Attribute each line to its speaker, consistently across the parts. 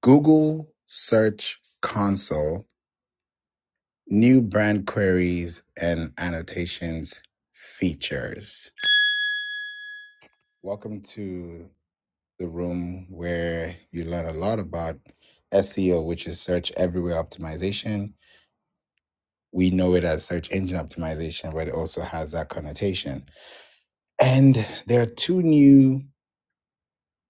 Speaker 1: Google Search Console new brand queries and annotations features. Welcome to the room where you learn a lot about SEO, which is search everywhere optimization. We know it as search engine optimization, but it also has that connotation. And there are two new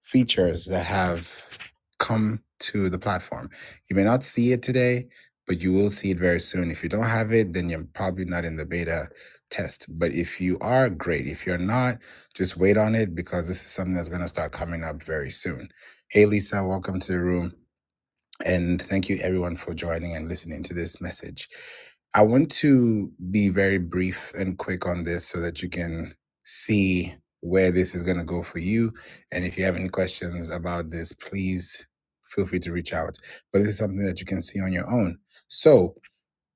Speaker 1: features that have come to the platform. You may not see it today, but you will see it very soon. If you don't have it, then you're probably not in the beta test. But if you are, great. If you're not, just wait on it because this is something that's going to start coming up very soon. Hey, Lisa, welcome to the room. And thank you, everyone, for joining and listening to this message. I want to be very brief and quick on this so that you can see where this is going to go for you. And if you have any questions about this, please feel free to reach out. But this is something that you can see on your own. So,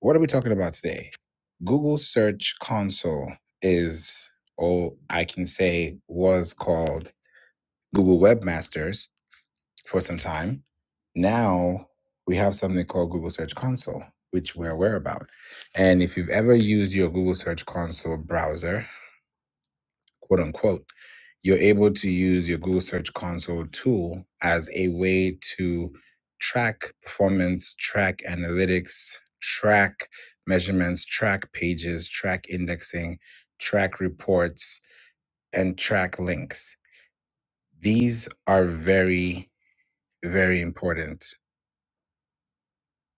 Speaker 1: what are we talking about today? Google Search Console is, or I can say, was called Google Webmasters for some time. Now we have something called Google Search Console, which we're aware about. And if you've ever used your Google Search Console browser, quote unquote, you're able to use your Google Search Console tool as a way to track performance, track analytics, track measurements, track pages, track indexing, track reports, and track links. These are very, very important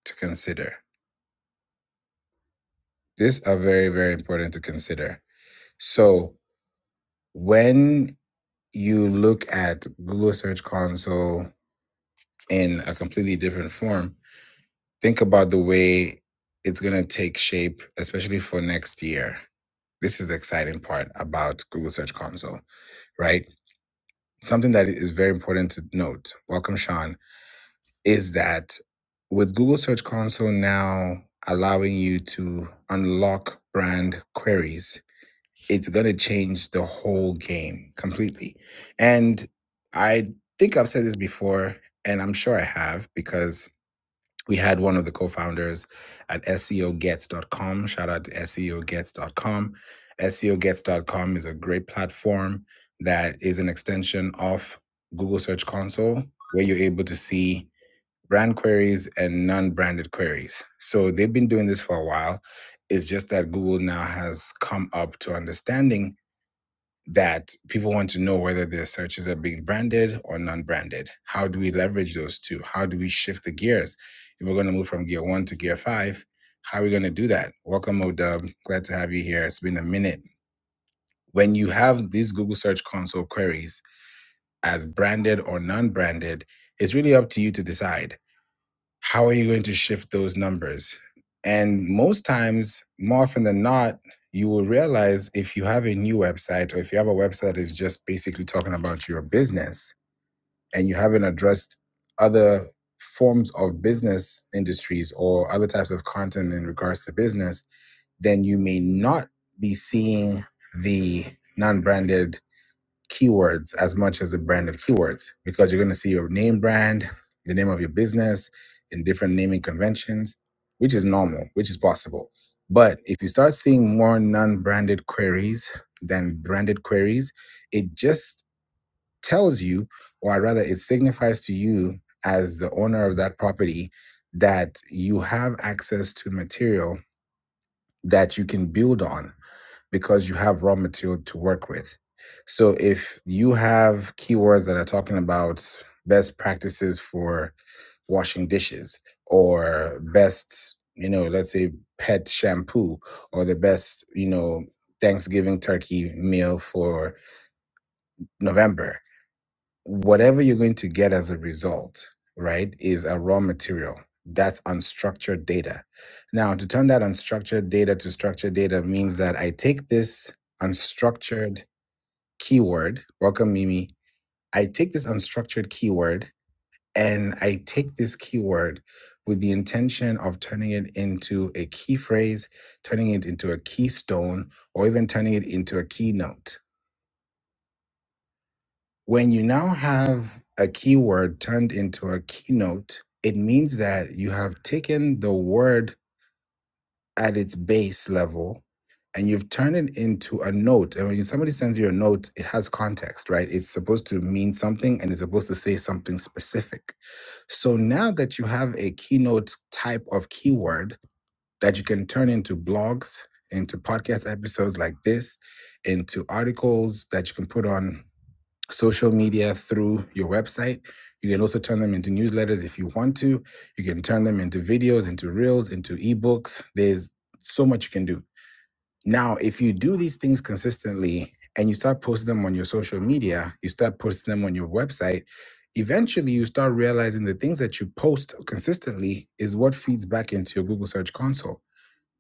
Speaker 1: to consider These are very, very important to consider. So when you look at Google Search Console in a completely different form, think about the way it's going to take shape, especially for next year. This is the exciting part about Google Search Console, right? Something that is very important to note, welcome Sean, is that with Google Search Console now allowing you to unlock brand queries it's going to change the whole game completely. And I think I've said this before, and I'm sure I have because we had one of the co founders at S E O gets dot com. Shout out to S E O gets dot com. S E O gets dot com is a great platform that is an extension of Google Search Console where you're able to see brand queries and non branded queries. So they've been doing this for a while. It's just that Google now has come up to understanding that people want to know whether their searches are being branded or non-branded. How do we leverage those two? How do we shift the gears? If we're going to move from gear one to gear five, how are we going to do that? Welcome, Odub. Glad to have you here. It's been a minute. When you have these Google Search Console queries as branded or non-branded, it's really up to you to decide how are you going to shift those numbers? And most times, more often than not, you will realize if you have a new website or if you have a website that is just basically talking about your business and you haven't addressed other forms of business industries or other types of content in regards to business, then you may not be seeing the non branded keywords as much as the branded keywords because you're going to see your name brand, the name of your business in different naming conventions, which is normal, which is possible. But if you start seeing more non branded queries than branded queries, it just tells you, or rather, it signifies to you as the owner of that property that you have access to material that you can build on because you have raw material to work with. So if you have keywords that are talking about best practices for washing dishes or best, you know, let's say pet shampoo or the best, you know, Thanksgiving turkey meal for November, whatever you're going to get as a result, right, is a raw material. That's unstructured data. Now, to turn that unstructured data to structured data means that I take this unstructured keyword, welcome Mimi, I take this unstructured keyword and I take this keyword with the intention of turning it into a key phrase, turning it into a keystone, or even turning it into a keynote When you now have a keyword turned into a keynote, it means that you have taken the word at its base level and you've turned it into a note. And when somebody sends you a note, it has context, right? It's supposed to mean something and it's supposed to say something specific. So now that you have a keynote type of keyword that you can turn into blogs, into podcast episodes like this, into articles that you can put on social media through your website. You can also turn them into newsletters if you want to. You can turn them into videos, into reels, into ebooks. There's so much you can do. Now, if you do these things consistently and you start posting them on your social media, you start posting them on your website, eventually you start realizing the things that you post consistently is what feeds back into your Google Search Console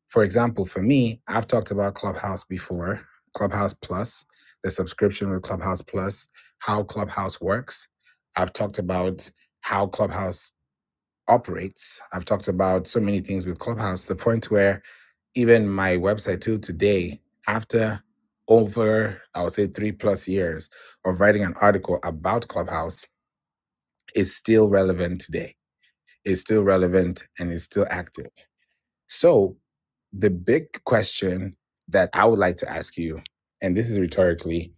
Speaker 1: for example, for me, I've talked about Clubhouse before, Clubhouse Plus, the subscription with Clubhouse Plus, how Clubhouse works. I've talked about how Clubhouse operates. I've talked about so many things with Clubhouse, to the point where even my website till today, after over, I would say three plus years of writing an article about Clubhouse, is still relevant today. It's still relevant and it's still active. So, the big question that I would like to ask you, and this is rhetorically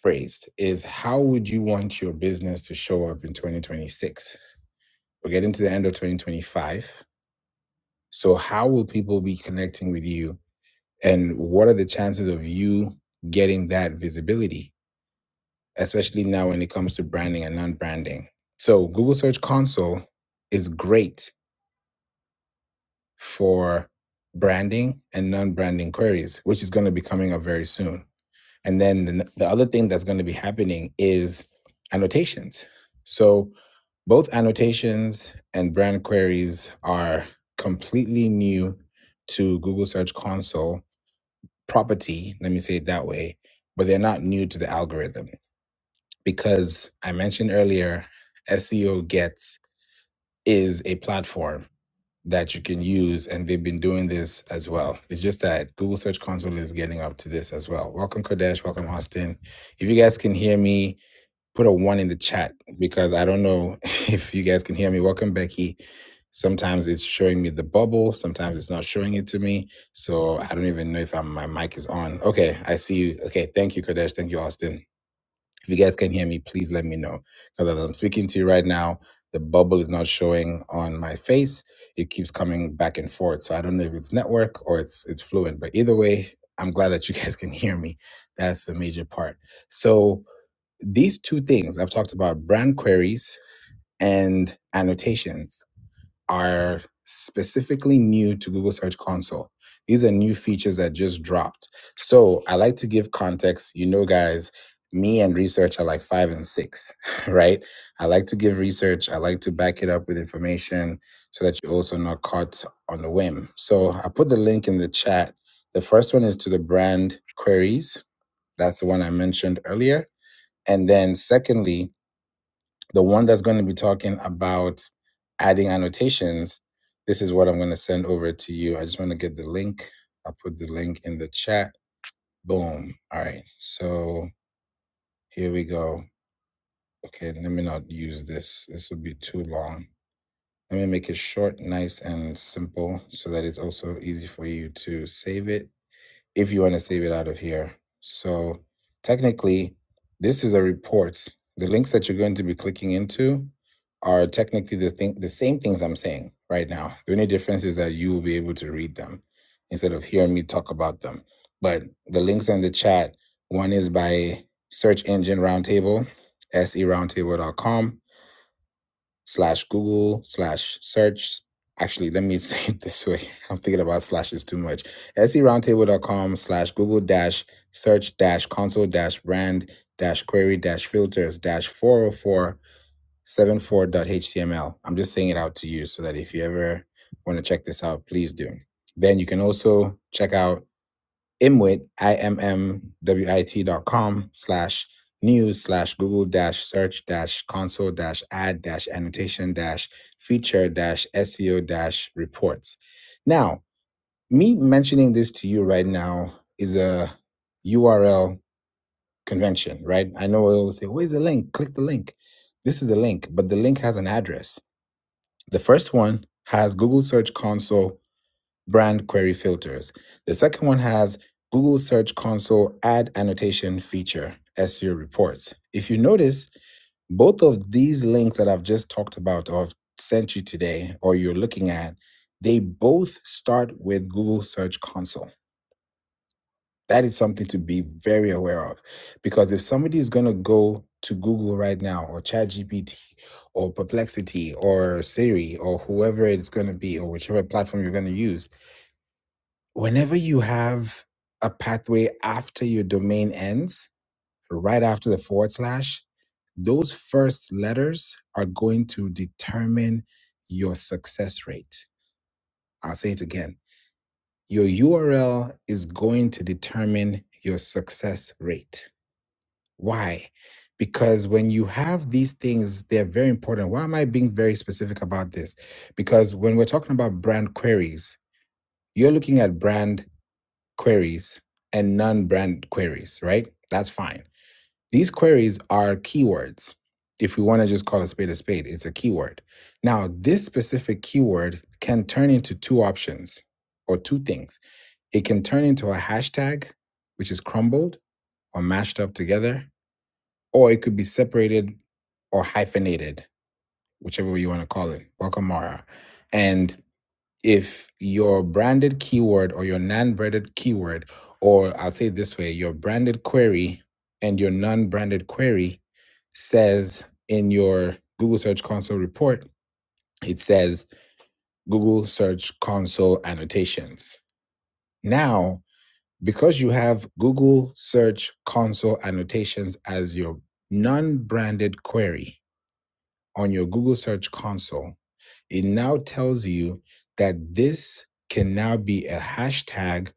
Speaker 1: phrased, is how would you want your business to show up in 2026? We're getting to the end of 2025. So, how will people be connecting with you? And what are the chances of you getting that visibility, especially now when it comes to branding and non branding? So, Google Search Console is great for branding and non-branding queries, which is going to be coming up very soon. And then the, the other thing that's going to be happening is annotations. So both annotations and brand queries are completely new to Google Search Console property, let me say it that way, but they're not new to the algorithm because I mentioned earlier SEO Gets is a platform that you can use, and they've been doing this as well. It's just that Google Search Console is getting up to this as well. Welcome, Kodesh. Welcome, Austin. If you guys can hear me, put a one in the chat because I don't know if you guys can hear me. Welcome, Becky. Sometimes it's showing me the bubble, sometimes it's not showing it to me. So I don't even know if I'm, my mic is on. Okay, I see you. Okay, thank you, Kodesh. Thank you, Austin. If you guys can hear me, please let me know. Because as I'm speaking to you right now, the bubble is not showing on my face. It keeps coming back and forth. So I don't know if it's network or it's it's fluent. But either way, I'm glad that you guys can hear me. That's the major part. So these two things I've talked about brand queries and annotations are specifically new to Google Search Console. These are new features that just dropped. So I like to give context. You know, guys, me and research are like five and six, right? I like to give research. I like to back it up with information so that you're also not caught on the whim. So I put the link in the chat. The first one is to the brand queries. That's the one I mentioned earlier. And then secondly, the one that's going to be talking about adding annotations, this is what I'm going to send over to you. I just want to get the link. I'll put the link in the chat. Boom. All right. So here we go. Okay, let me not use this. This would be too long. Let me make it short, nice, and simple so that it's also easy for you to save it if you want to save it out of here. So technically, this is a report. The links that you're going to be clicking into are technically the thing, the same things I'm saying right now. The only difference is that you will be able to read them instead of hearing me talk about them. But the links in the chat, one is by Search Engine Roundtable, seroundtable.com slash Google slash search. Actually, let me say it this way. I'm thinking about slashes too much. S E roundtable dot com slash Google dash search dash console dash brand dash query dash filters dash 40474.html. I'm just saying it out to you so that if you ever want to check this out, please do. Then you can also check out imwit, I-M-M-W-I-T dot com slash news slash Google dash search dash console dash ad dash annotation dash feature dash SEO dash reports. Now, me mentioning this to you right now is a URL convention, right? I know I always say, where's the link? Click the link. This is the link, but the link has an address. The first one has Google Search Console brand query filters. The second one has Google Search Console Add Annotation Feature SEO reports. If you notice, both of these links that I've just talked about or I've sent you today or you're looking at, they both start with Google Search Console. That is something to be very aware of because if somebody is going to go to Google right now or ChatGPT or Perplexity or Siri or whoever it's going to be or whichever platform you're going to use, whenever you have a pathway after your domain ends, right after the forward slash, those first letters are going to determine your success rate. I'll say it again. Your URL is going to determine your success rate. Why? Because when you have these things, they're very important. Why am I being very specific about this? Because when we're talking about brand queries, you're looking at brand queries and non-brand queries, right? That's fine. These queries are keywords. If we want to just call a spade a spade, it's a keyword. Now, this specific keyword can turn into two options or two things. It can turn into a hashtag, which is crumbled or mashed up together, or it could be separated or hyphenated, whichever way you want to call it. Welcome, Mara. And if your branded keyword or your non-branded keyword, or I'll say it this way, your branded query and your non-branded query says in your Google Search Console report, it says Google Search Console annotations. Now, because you have Google Search Console annotations as your non-branded query on your Google Search Console, it now tells you that this can now be a hashtag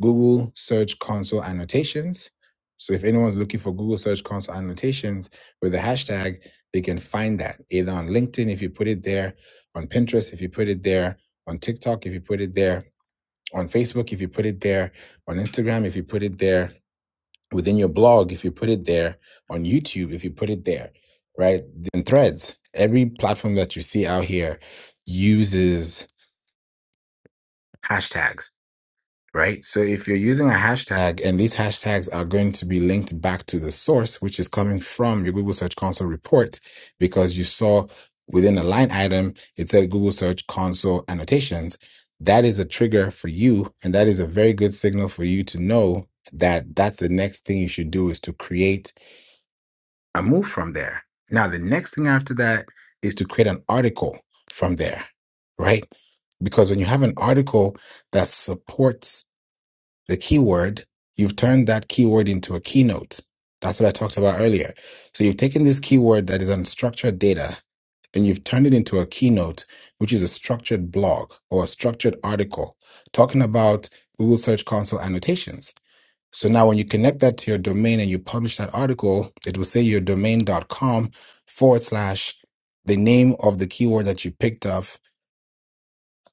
Speaker 1: Google Search Console annotations. So if anyone's looking for Google Search Console annotations with a hashtag, they can find that either on LinkedIn if you put it there, on Pinterest if you put it there, on TikTok if you put it there, on Facebook if you put it there, on Instagram if you put it there, within your blog if you put it there, on YouTube if you put it there, right? And threads, every platform that you see out here uses hashtags right? So if you're using a hashtag and these hashtags are going to be linked back to the source, which is coming from your Google Search Console report, because you saw within a line item, it said Google Search Console annotations. That is a trigger for you. And that is a very good signal for you to know that that's the next thing you should do is to create a move from there. Now, the next thing after that is to create an article from there, right? Because when you have an article that supports the keyword, you've turned that keyword into a keynote. That's what I talked about earlier. So you've taken this keyword that is unstructured data and you've turned it into a keynote, which is a structured blog or a structured article talking about Google Search Console annotations. So now when you connect that to your domain and you publish that article, it will say your domain.com forward slash the name of the keyword that you picked up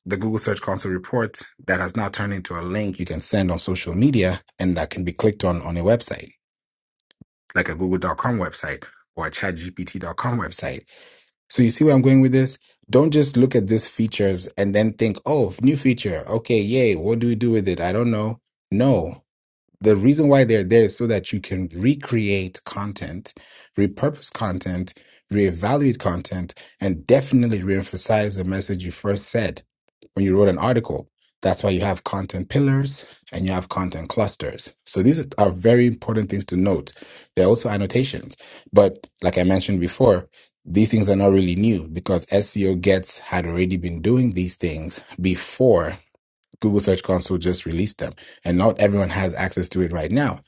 Speaker 1: the Google Search Console report that has now turned into a link you can send on social media and that can be clicked on on a website, like a google.com website or a chatgpt.com website. So you see where I'm going with this? Don't just look at these features and then think, oh, new feature. Okay, yay. What do we do with it? I don't know. No the reason why they're there is so that you can recreate content, repurpose content, reevaluate content, and definitely reemphasize the message you first said when you wrote an article. That's why you have content pillars and you have content clusters. So these are very important things to note. There are also annotations, but like I mentioned before, these things are not really new because SEO Gets had already been doing these things before Google Search Console just released them, and not everyone has access to it right now.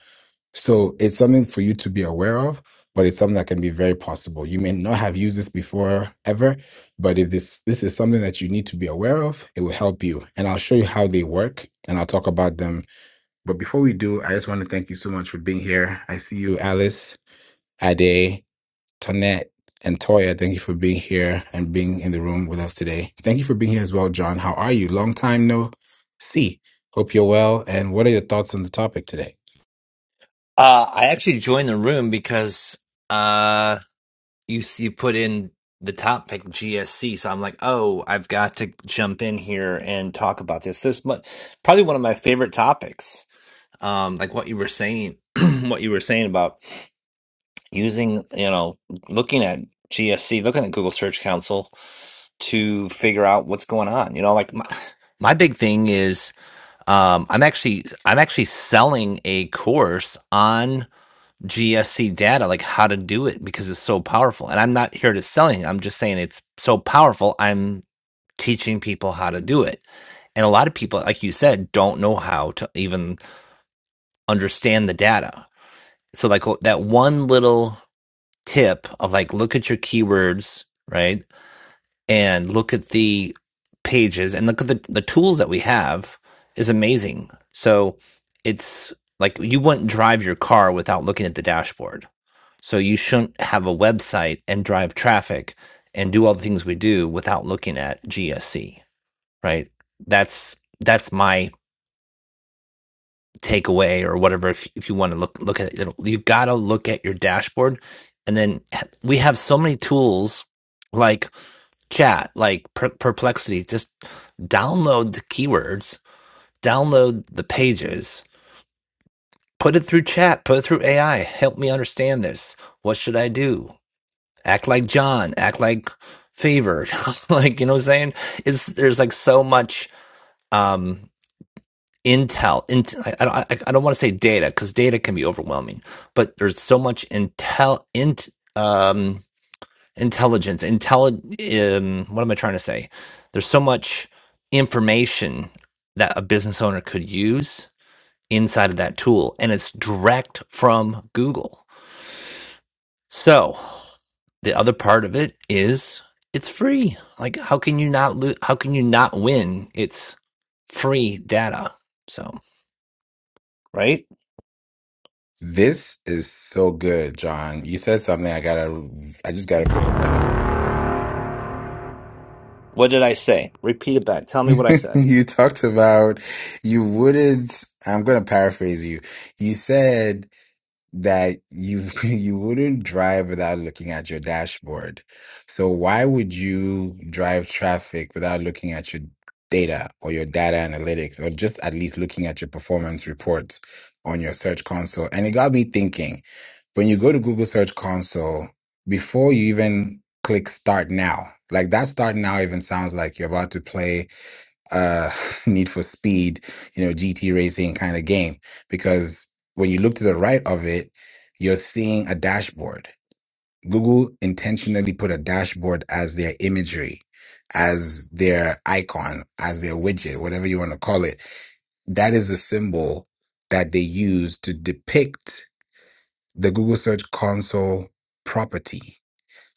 Speaker 1: So it's something for you to be aware of, but it's something that can be very possible. You may not have used this before ever, but if this this is something that you need to be aware of, it will help you. And I'll show you how they work, and I'll talk about them. But before we do, I just want to thank you so much for being here. I see you, Alice, Ade. Tonette, and Toya, thank you for being here and being in the room with us today. Thank you for being here as well, John. How are you? Long time no see. Hope you're well. And what are your thoughts on the topic today?
Speaker 2: Uh, I actually joined the room because uh, you you put in the topic GSC, so I'm like, oh, I've got to jump in here and talk about this. This mu- probably one of my favorite topics. Um, like what you were saying, what you were saying about using, you know, looking at GSC, looking at Google Search Console to figure out what's going on. You know, like my, my big thing is um, I'm actually I'm actually selling a course on. GSC data, like how to do it because it's so powerful. And I'm not here to selling. it. I'm just saying it's so powerful. I'm teaching people how to do it. And a lot of people, like you said, don't know how to even understand the data. So like wh- that one little tip of like look at your keywords, right? And look at the pages and look at the, the tools that we have is amazing. So it's like you wouldn't drive your car without looking at the dashboard so you shouldn't have a website and drive traffic and do all the things we do without looking at GSC, right? That's that's my takeaway or whatever. If, if you want to look look at it, you got to look at your dashboard, and then h- we have so many tools like chat, like per- Perplexity. Just download the keywords, download the pages, put it through chat, put it through AI. Help me understand this. What should I do? act like John, act like Favor, like you know what I'm saying? It's there's like so much um intel. Int- I, I don't I, I don't want to say data because data can be overwhelming, but there's so much intel int um intelligence intelli um what am I trying to say? There's so much information that a business owner could use inside of that tool, and it's direct from Google. So. the other part of it is it's free. Like how can you not lo- how can you not win? It's free data. So, right?
Speaker 1: This is so good, John. You said something I gotta, I just gotta bring it back.
Speaker 2: What did I say? Repeat it back. Tell me what I said.
Speaker 1: you talked about you wouldn't, I'm gonna paraphrase you. You said that you you wouldn't drive without looking at your dashboard. So why would you drive traffic without looking at your data or your data analytics or just at least looking at your performance reports on your search console? And it got me thinking, when you go to Google Search Console, before you even click start now, like that start now even sounds like you're about to play uh, Need for Speed, you know, GT racing kind of game. Because when you look to the right of it, you're seeing a dashboard. Google intentionally put a dashboard as their imagery, as their icon, as their widget, whatever you want to call it. That is a symbol that they use to depict the Google Search Console property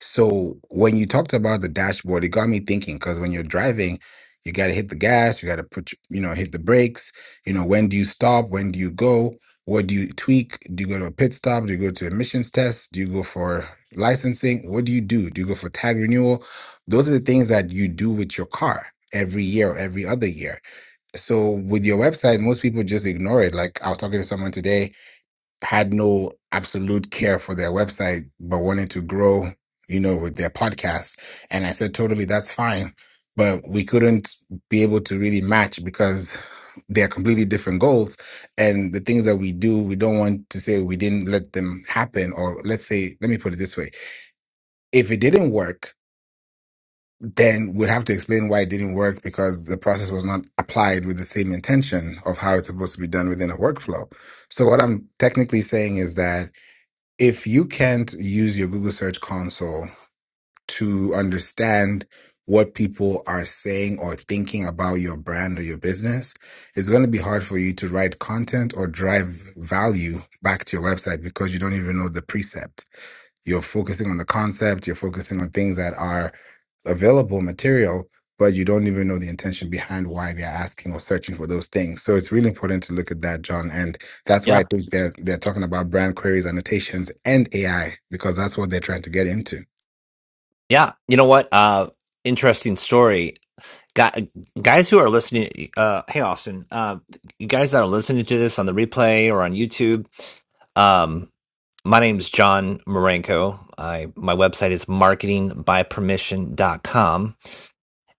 Speaker 1: so when you talked about the dashboard, it got me thinking because when you're driving, you got to hit the gas, you got to put, your- you know, hit the brakes. You know, when do you stop? When do you go? What do you tweak? Do you go to a pit stop? Do you go to emissions test? Do you go for licensing? What do you do? Do you go for tag renewal? Those are the things that you do with your car every year or every other year. So with your website, most people just ignore it. Like I was talking to someone today had no absolute care for their website, but wanted to grow, you know, with their podcast. And I said, totally, that's fine. But we couldn't be able to really match because they're completely different goals. And the things that we do, we don't want to say we didn't let them happen. Or let's say, let me put it this way if it didn't work, then we'd have to explain why it didn't work because the process was not applied with the same intention of how it's supposed to be done within a workflow. So what I'm technically saying is that if you can't use your Google Search Console to understand what people are saying or thinking about your brand or your business, it's going to be hard for you to write content or drive value back to your website because you don't even know the precept. You're focusing on the concept, you're focusing on things that are available material, but you don't even know the intention behind why they're asking or searching for those things. So it's really important to look at that, John. And that's why
Speaker 2: Yeah.
Speaker 1: I think they're they're talking about brand queries, annotations, and AI, because that's what they're trying to get into.
Speaker 2: Yeah. You know what? Uh interesting story. Guy, guys who are listening uh hey Austin, uh you guys that are listening to this on the replay or on YouTube, um my name's John Marenko. I my website is marketing by permission dot com.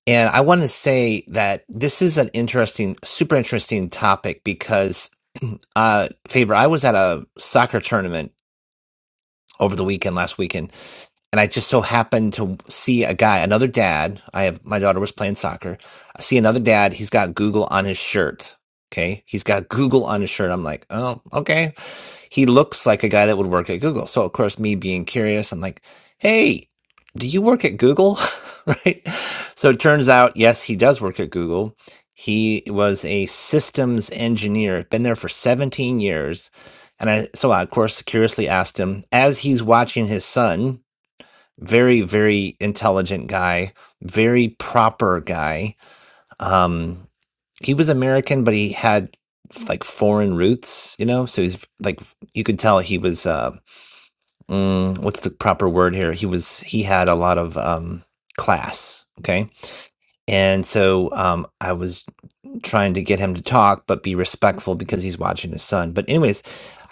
Speaker 2: And I want to say that this is an interesting, super interesting topic because, uh, favor, I was at a soccer tournament over the weekend, last weekend, and I just so happened to see a guy, another dad. I have my daughter was playing soccer. I see another dad. He's got Google on his shirt. Okay, he's got Google on his shirt. I'm like, oh, okay he looks like a guy that would work at Google. So of course, me being curious, I'm like, "Hey, do you work at Google?" right? So it turns out, yes, he does work at Google. He was a systems engineer, been there for 17 years. And I, so I, of course, curiously asked him as he's watching his son, very, very intelligent guy, very proper guy. Um, he was American, but he had like foreign roots, you know. So he's like you could tell he was uh, mm, what's the proper word here? He was he had a lot of um, class, okay. And so um, I was trying to get him to talk but be respectful because he's watching his son but anyways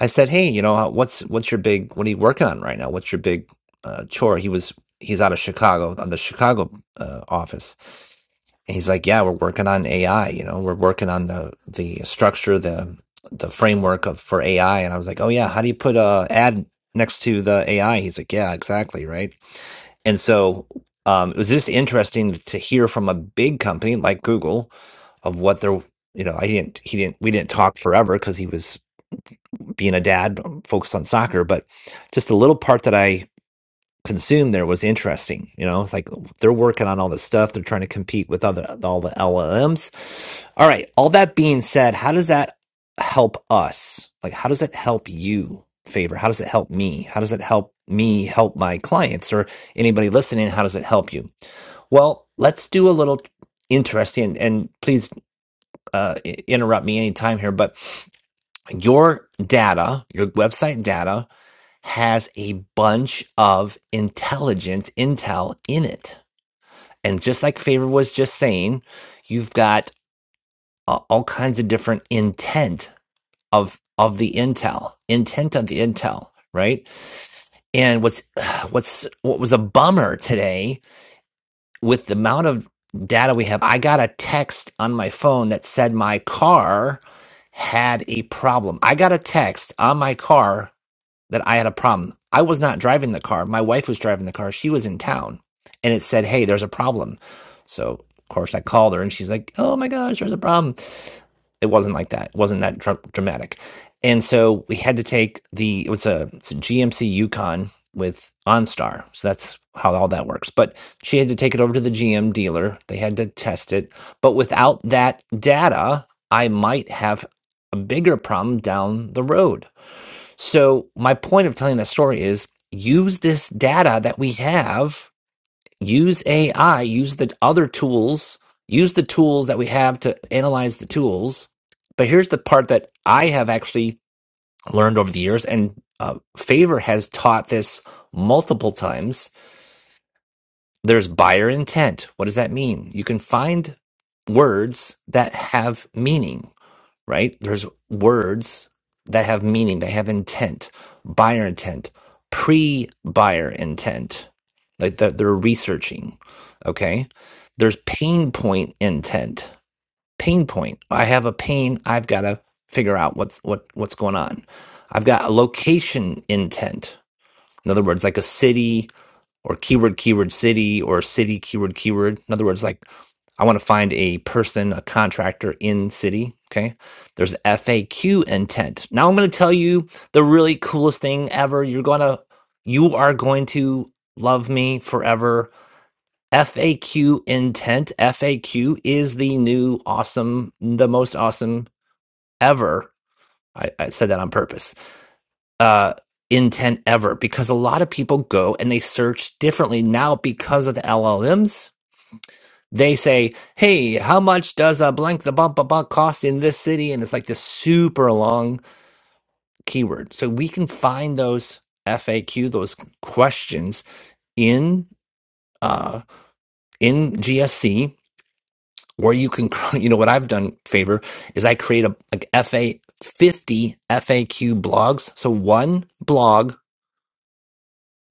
Speaker 2: i said hey you know what's what's your big what are you working on right now what's your big uh, chore he was he's out of chicago on the chicago uh, office and he's like yeah we're working on ai you know we're working on the the structure the the framework of for ai and i was like oh yeah how do you put a ad next to the ai he's like yeah exactly right and so um, it was just interesting to hear from a big company like google of what they're, you know i didn't he didn't we didn't talk forever because he was being a dad um, focused on soccer but just the little part that i consumed there was interesting you know it's like oh, they're working on all this stuff they're trying to compete with other all the llms all right all that being said how does that help us like how does it help you favor how does it help me how does it help me help my clients or anybody listening how does it help you well let's do a little interesting and please uh, interrupt me anytime here, but your data, your website data, has a bunch of intelligence intel in it. And just like Favor was just saying, you've got uh, all kinds of different intent of of the intel, intent of the intel, right? And what's what's what was a bummer today with the amount of data we have, I got a text on my phone that said my car had a problem. I got a text on my car that I had a problem. I was not driving the car. My wife was driving the car. She was in town. And it said, hey, there's a problem. So, of course, I called her and she's like, oh my gosh, there's a problem. It wasn't like that. It wasn't that dra- dramatic. And so we had to take the it was a, it's a GMC Yukon with OnStar. So that's how all that works. But she had to take it over to the GM dealer. They had to test it. But without that data, I might have a bigger problem down the road. So my point of telling that story is use this data that we have use AI, use the other tools, use the tools that we have to analyze the tools. But here's the part that I have actually learned over the years, and uh, Favor has taught this multiple times. There's buyer intent. What does that mean? You can find words that have meaning right? There's words that have meaning, they have intent, buyer intent, pre buyer intent, like that they're researching. Okay. There's pain point intent. Pain point. I have a pain. I've got to figure out what's what what's going on. I've got a location intent. In other words, like a city or keyword keyword city or city keyword keyword. In other words, like I want to find a person, a contractor in city. Okay. There's FAQ intent. Now I'm going to tell you the really coolest thing ever. You're going to, you are going to love me forever. FAQ intent. FAQ is the new awesome, the most awesome ever. I, I said that on purpose. Uh, intent ever because a lot of people go and they search differently now because of the LLMs they say, "Hey, how much does a blank the bump a bump cost in this city?" And it's like this super long keyword. So we can find those FAQ, those questions in uh, in GSC, or you can, you know, what I've done favor is I create a like FA fifty FAQ blogs. So one blog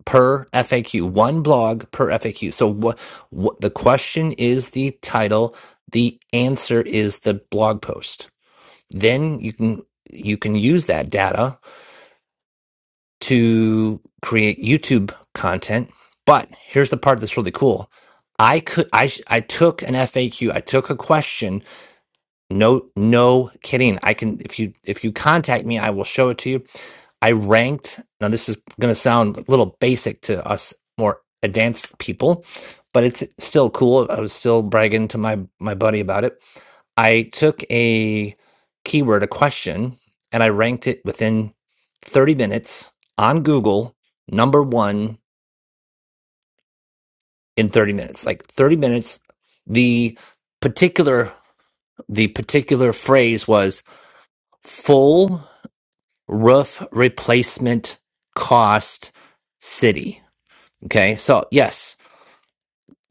Speaker 2: per FAQ, one blog per FAQ. So what what the question is the title, the answer is the blog post Then you can you can use that data to create YouTube content. But here's the part that's really cool. I could I sh- I took an FAQ. I took a question. No no kidding. I can if you if you contact me, I will show it to you. I ranked. Now, this is going to sound a little basic to us more advanced people, but it's still cool. I was still bragging to my my buddy about it. I took a keyword, a question, and I ranked it within 30 minutes on Google, number one in 30 minutes. Like 30 minutes, the particular the particular phrase was full roof replacement cost city Okay. So, yes,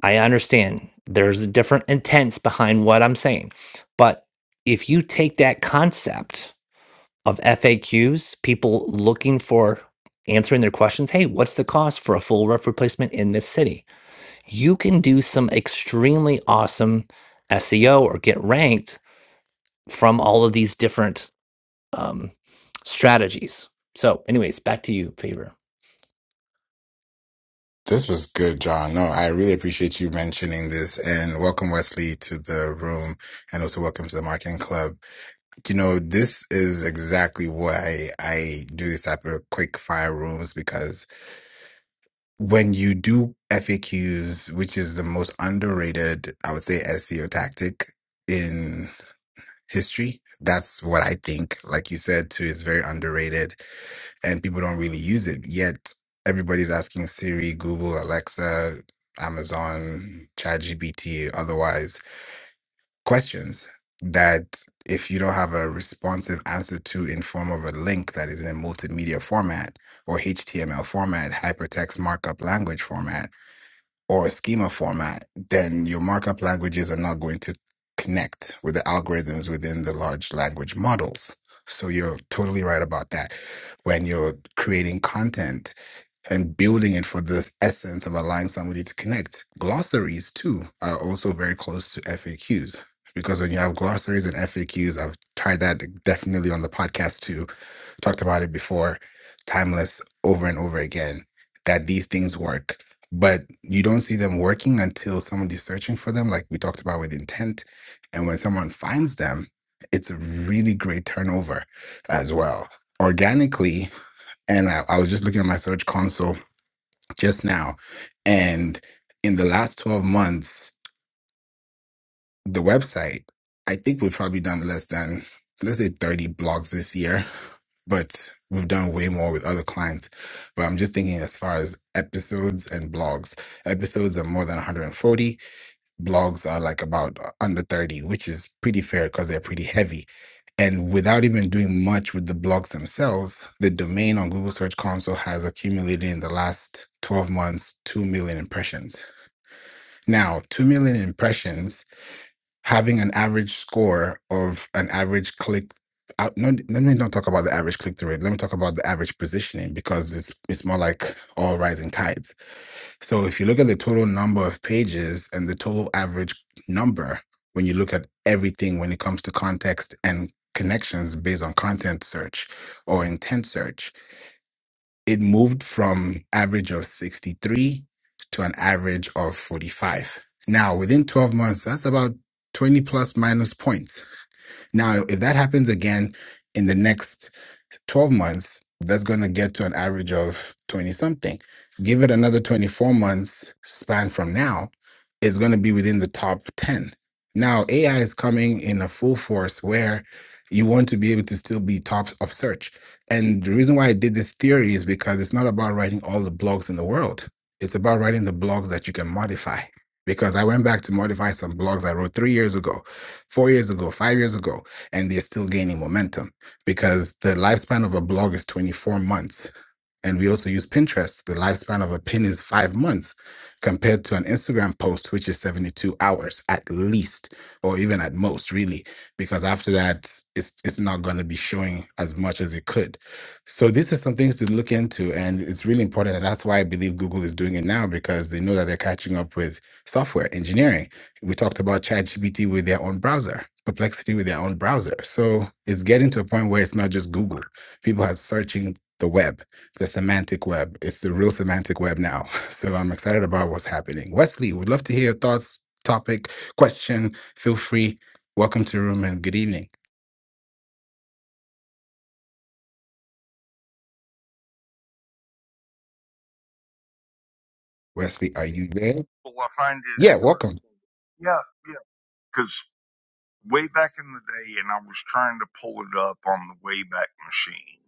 Speaker 2: I understand there's different intents behind what I'm saying. But if you take that concept of FAQs, people looking for answering their questions, hey, what's the cost for a full roof replacement in this city? You can do some extremely awesome SEO or get ranked from all of these different um, strategies. So, anyways, back to you, Favor.
Speaker 1: This was good, John. No, I really appreciate you mentioning this and welcome Wesley to the room and also welcome to the marketing club. You know, this is exactly why I do this type of quick fire rooms because when you do FAQs, which is the most underrated, I would say, SEO tactic in history, that's what I think. Like you said, too, is very underrated and people don't really use it. Yet everybody's asking Siri, Google, Alexa, Amazon, ChatGPT, otherwise questions that if you don't have a responsive answer to in form of a link that is in a multimedia format or HTML format, hypertext markup language format, or a schema format, then your markup languages are not going to connect with the algorithms within the large language models. So you're totally right about that. When you're creating content and building it for this essence of allowing somebody to connect, glossaries too are also very close to FAQs. Because when you have glossaries and FAQs, I've tried that definitely on the podcast too talked about it before, timeless over and over again, that these things work. But you don't see them working until somebody's searching for them, like we talked about with intent. And when someone finds them, it's a really great turnover as well. Organically, and I, I was just looking at my search console just now, and in the last 12 months, the website, I think we've probably done less than, let's say 30 blogs this year but we've done way more with other clients. But I'm just thinking as far as episodes and blogs. Episodes are more than 140. Blogs are like about uh, under 30, which is pretty fair because they're pretty heavy. And without even doing much with the blogs themselves, the domain on Google Search Console has accumulated in the last 12 months 2 million impressions. Now, 2 million impressions having an average score of an average click. out no, let me not talk about the average click through rate. Let me talk about the average positioning because it's it's more like all rising tides. So if you look at the total number of pages and the total average number, when you look at everything when it comes to context and connections based on content search or intent search, it moved from average of 63 to an average of 45. Now, within 12 months, that's about 20 plus minus points. Now, if that happens again in the next 12 months, that's going to get to an average of 20 something. Give it another 24 months span from now, it's going to be within the top 10. Now, AI is coming in a full force where you want to be able to still be top of search. And the reason why I did this theory is because it's not about writing all the blogs in the world, it's about writing the blogs that you can modify. Because I went back to modify some blogs I wrote three years ago, four years ago, five years ago, and they're still gaining momentum because the lifespan of a blog is 24 months and we also use Pinterest. The lifespan of a pin is five months compared to an Instagram post, which is 72 hours at least, or even at most, really, because after that, it's, it's not going to be showing as much as it could. So, these are some things to look into. And it's really important. And that's why I believe Google is doing it now because they know that they're catching up with software engineering. We talked about ChatGPT with their own browser, Perplexity with their own browser. So, it's getting to a point where it's not just Google, people are searching the web the semantic web. It's the real semantic web now. So I'm excited about what's happening. Wesley, would love to hear your thoughts, topic, question. Feel free. Welcome to the room and good evening. Wesley, are you there?
Speaker 3: Well, I find it
Speaker 1: Yeah, welcome.
Speaker 3: interesting. Yeah, yeah. Because way back in the day, and I was trying to pull it up on the Wayback Machine,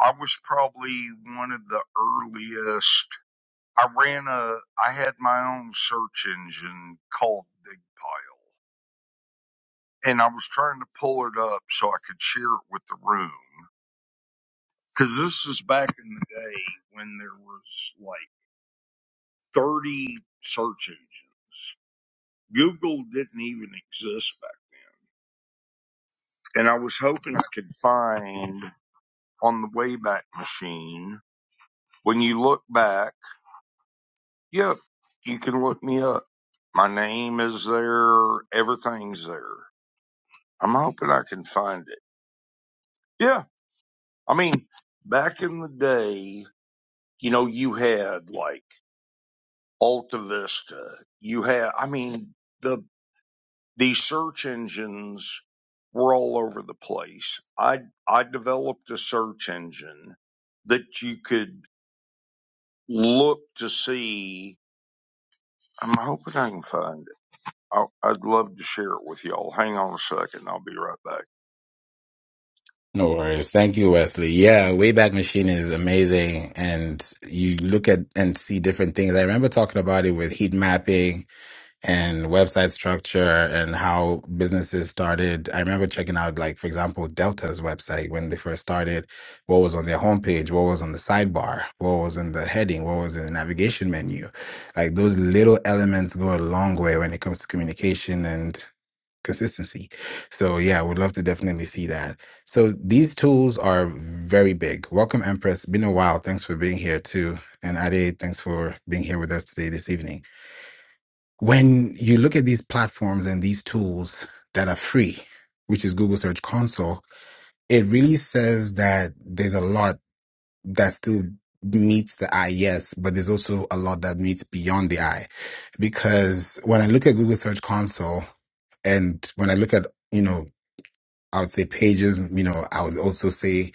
Speaker 3: I was probably one of the earliest. I ran a, I had my own search engine called Bigpile, and I was trying to pull it up so I could share it with the room. Because this is back in the day when there was like 30 search engines. Google didn't even exist back then and I was hoping I could find on the Wayback Machine. When you look back, yep, you can look me up. My name is there. Everything's there. I'm hoping I can find it. Yeah. I mean, back in the day, you know, you had like Alta Vista. You had, I mean, the, the search engines were all over the place. I, I developed a search engine that you could look to see. I'm hoping I can find it. I'll, I'd love to share it with y'all. Hang on a second. I'll be right back.
Speaker 1: No worries. Thank you, Wesley. Yeah, Wayback Machine is amazing. And you look at and see different things. I remember talking about it with heat mapping and website structure and how businesses started. I remember checking out, like, for example, Delta's website when they first started, what was on their homepage, what was on the sidebar, what was in the heading, what was in the navigation menu. Like, those little elements go a long way when it comes to communication and consistency. So, yeah, we'd love to definitely see that. So, these tools are very big. Welcome, Empress. Been a while. Thanks for being here, too. And Ade, thanks for being here with us today, this evening. When you look at these platforms and these tools that are free, which is Google Search Console, it really says that there's a lot that still meets the eye, yes, but there's also a lot that meets beyond the eye. Because when I look at Google Search Console, and when I look at, you know, I would say pages, you know, I would also say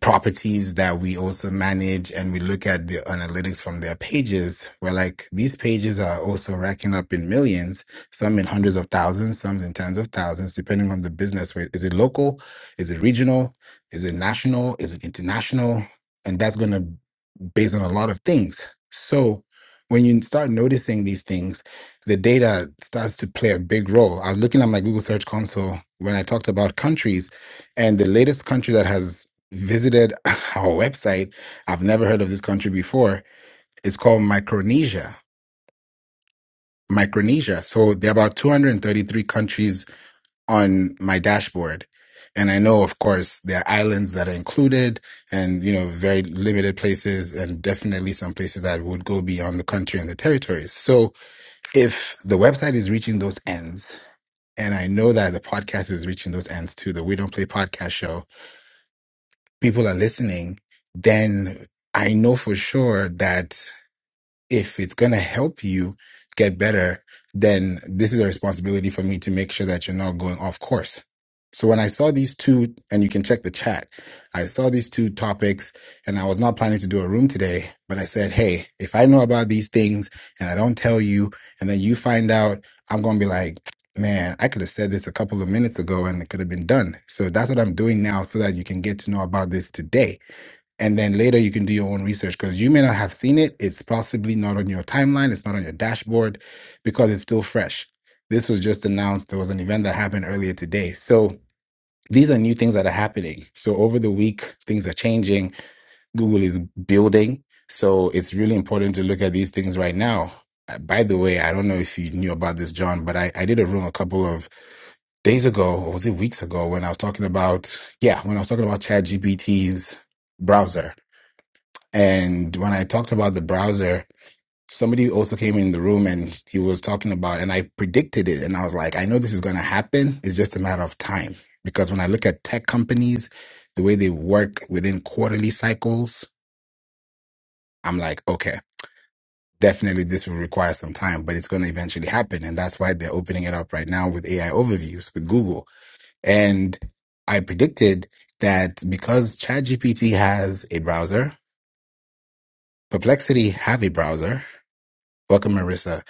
Speaker 1: properties that we also manage and we look at the analytics from their pages we're like these pages are also racking up in millions some in hundreds of thousands some in tens of thousands depending on the business Wait, is it local is it regional is it national is it international and that's going to based on a lot of things. So when you start noticing these things, the data starts to play a big role. I was looking at my Google Search Console when I talked about countries, and the latest country that has visited our website, I've never heard of this country before, it's called Micronesia. Micronesia. So there are about 233 countries on my dashboard. And I know, of course, there are islands that are included and, you know, very limited places and definitely some places that would go beyond the country and the territories. So if the website is reaching those ends, and I know that the podcast is reaching those ends too, the We Don't Play podcast show, people are listening, then I know for sure that if it's going to help you get better, then this is a responsibility for me to make sure that you're not going off course. So when I saw these two, and you can check the chat, I saw these two topics and I was not planning to do a room today, but I said, Hey, if I know about these things and I don't tell you, and then you find out, I'm going to be like, man, I could have said this a couple of minutes ago and it could have been done. So that's what I'm doing now so that you can get to know about this today and then later you can do your own research because you may not have seen it. It's possibly not on your timeline, it's not on your dashboard because it's still fresh. This was just announced. There was an event that happened earlier today. So these are new things that are happening. So over the week, things are changing. Google is building. So it's really important to look at these things right now. Uh, By the way, I don't know if you knew about this, John, but I, I did a room a couple of days ago, or was it weeks ago, when I was talking about, yeah, when I was talking about ChatGPT's browser and when I talked about the browser, somebody also came in the room and he was talking about, and I predicted it. And I was like, I know this is going to happen. It's just a matter of time. Because when I look at tech companies, the way they work within quarterly cycles, I'm like, okay, definitely this will require some time, but it's going to eventually happen. And that's why they're opening it up right now with AI overviews with Google. And I predicted that because ChatGPT has a browser, Perplexity have a browser. Welcome, Marissa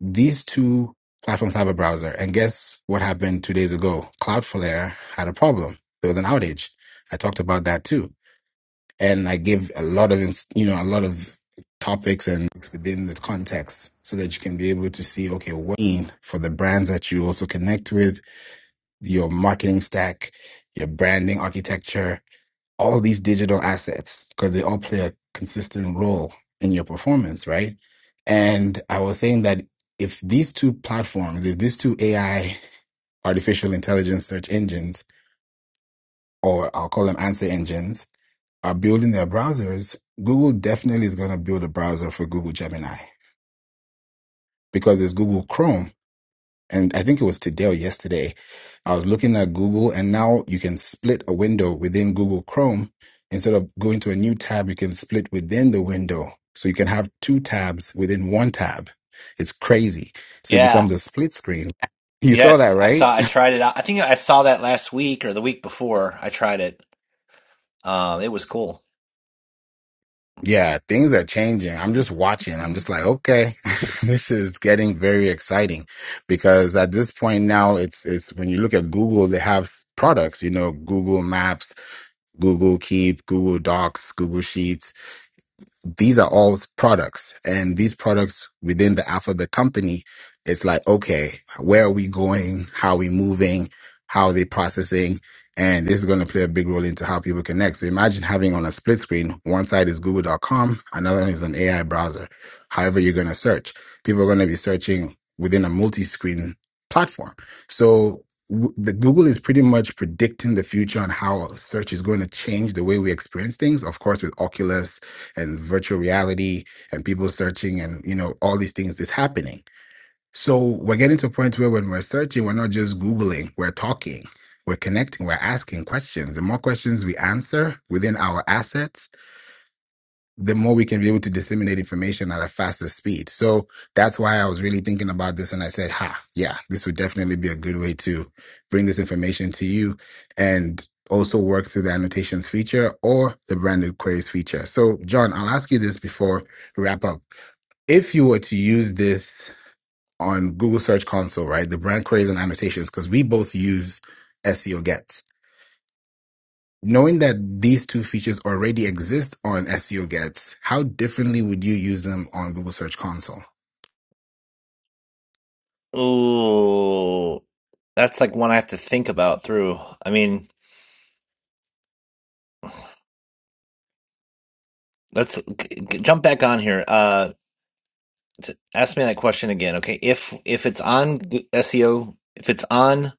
Speaker 1: These two platforms have a browser. And guess what happened two days ago? Cloudflare had a problem. There was an outage. I talked about that too. And I gave a lot of, ins- you know, a lot of topics and within the context so that you can be able to see, okay, what mean for the brands that you also connect with, your marketing stack, your branding architecture, all these digital assets because they all play a consistent role in your performance, right? And I was saying that if these two platforms, if these two AI, artificial intelligence search engines, or I'll call them answer engines, are building their browsers, Google definitely is going to build a browser for Google Gemini because it's Google Chrome and I think it was today or yesterday, I was looking at Google and now you can split a window within Google Chrome. Instead of going to a new tab, you can split within the window. So you can have two tabs within one tab. It's crazy. So it
Speaker 2: Yeah.
Speaker 1: becomes a split screen. You saw that,
Speaker 2: Yes, I
Speaker 1: right?
Speaker 2: saw. I tried it out. I think I saw that last week or the week before. I tried it. Um, it was cool.
Speaker 1: Yeah, things are changing. I'm just watching. I'm just like, okay, this is getting very exciting because at this point now it's, it's when you look at Google, they have s- products, you know, Google Maps Google Keep, Google Docs, Google Sheets these are all products and these products within the alphabet company it's like okay where are we going how are we moving how are they processing and this is going to play a big role into how people connect so imagine having on a split screen one side is google.com another one is an ai browser however you're going to search people are going to be searching within a multi-screen platform so w- the Google is pretty much predicting the future on how search is going to change the way we experience things. Of course, with Oculus and virtual reality and people searching and you know all these things is happening so we're getting to a point where when we're searching we're not just googling we're talking we're connecting we're asking questions the more questions we answer within our assets the more we can be able to disseminate information at a faster speed. So that's why I was really thinking about this. And I said, ha, yeah, this would definitely be a good way to bring this information to you and also work through the annotations feature or the branded queries feature. So, John, I'll ask you this before we wrap up. If you were to use this on Google Search Console, right, the brand queries and annotations, because we both use SEO Knowing that these two features already exist on SEO Gets, how differently would you use them on Google Search Console?
Speaker 2: Oh, that's like one I have to think about through. I mean, let's g- g- jump back on here. Uh t- ask me that question again. Okay, if if it's on G- SEO, if it's on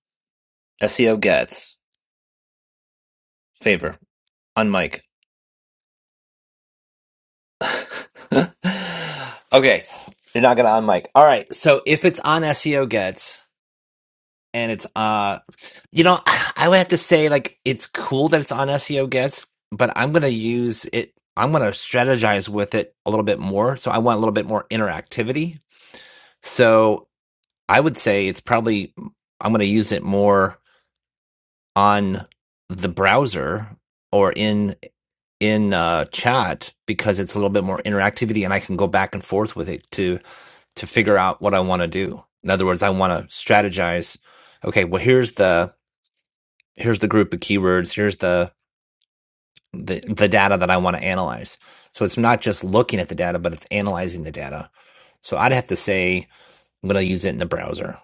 Speaker 2: SEO gets favor on mic. okay, you're not gonna on mic. All right, so if it's on SEO gets and it's uh, you know, I would have to say like it's cool that it's on SEO gets, but I'm gonna use it. I'm gonna strategize with it a little bit more. So I want a little bit more interactivity. So I would say it's probably I'm gonna use it more on the browser or in in uh, chat because it's a little bit more interactivity and I can go back and forth with it to to figure out what I want to do. In other words, I want to strategize. Okay, well here's the here's the group of keywords. Here's the the, the data that I want to analyze. So it's not just looking at the data, but it's analyzing the data. So I'd have to say I'm going to use it in the browser.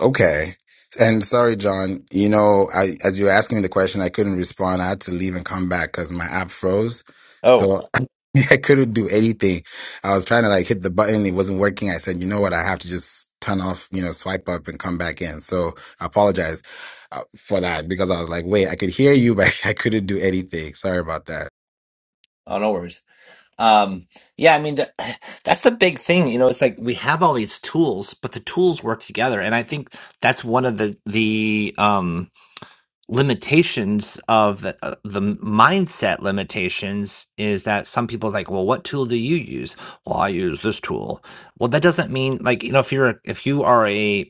Speaker 1: Okay. And sorry, John, you know, I, as you were asking me the question, I couldn't respond. I had to leave and come back because my app froze.
Speaker 2: Oh,
Speaker 1: So I couldn't do anything. I was trying to like hit the button. It wasn't working. I said, you know what? I have to just turn off, you know, swipe up and come back in. So I apologize uh, for that because I was like, wait, I could hear you, but I couldn't do anything. Sorry about that.
Speaker 2: oh, no worries. Um, yeah, I mean, the, that's the big thing, you know, it's like we have all these tools, but the tools work together. And I think that's one of the, the, um, limitations of the, uh, the mindset limitations is that some people are like, well, what tool do you use? Well, I use this tool. Well, that doesn't mean like, you know, if you're, a, if you are a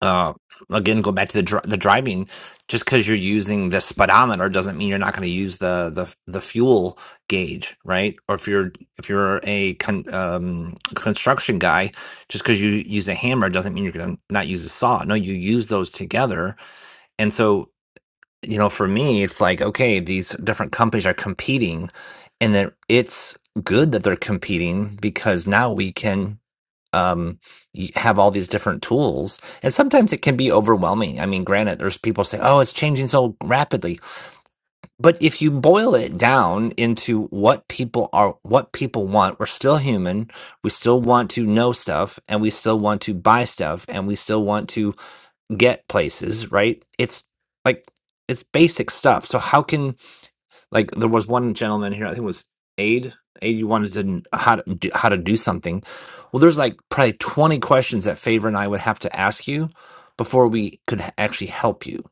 Speaker 2: uh, again, go back to the dri- the driving. Just because you're using the speedometer doesn't mean you're not going to use the the the fuel gauge, right? Or if you're if you're a con, um, construction guy, just because you use a hammer doesn't mean you're going to not use a saw. No, you use those together. And so, you know, for me, it's like okay, these different companies are competing, and that it's good that they're competing because now we can um, you have all these different tools. And sometimes it can be overwhelming. I mean, granted, there's people say, oh, it's changing so rapidly. But if you boil it down into what people are, what people want, we're still human. We still want to know stuff and we still want to buy stuff and we still want to get places, right? It's like, it's basic stuff. So how can like there was one gentleman here i think it was aid aid you wanted to kn- how to do, how to do something well there's like probably 20 questions that favor and i would have to ask you before we could h- actually help you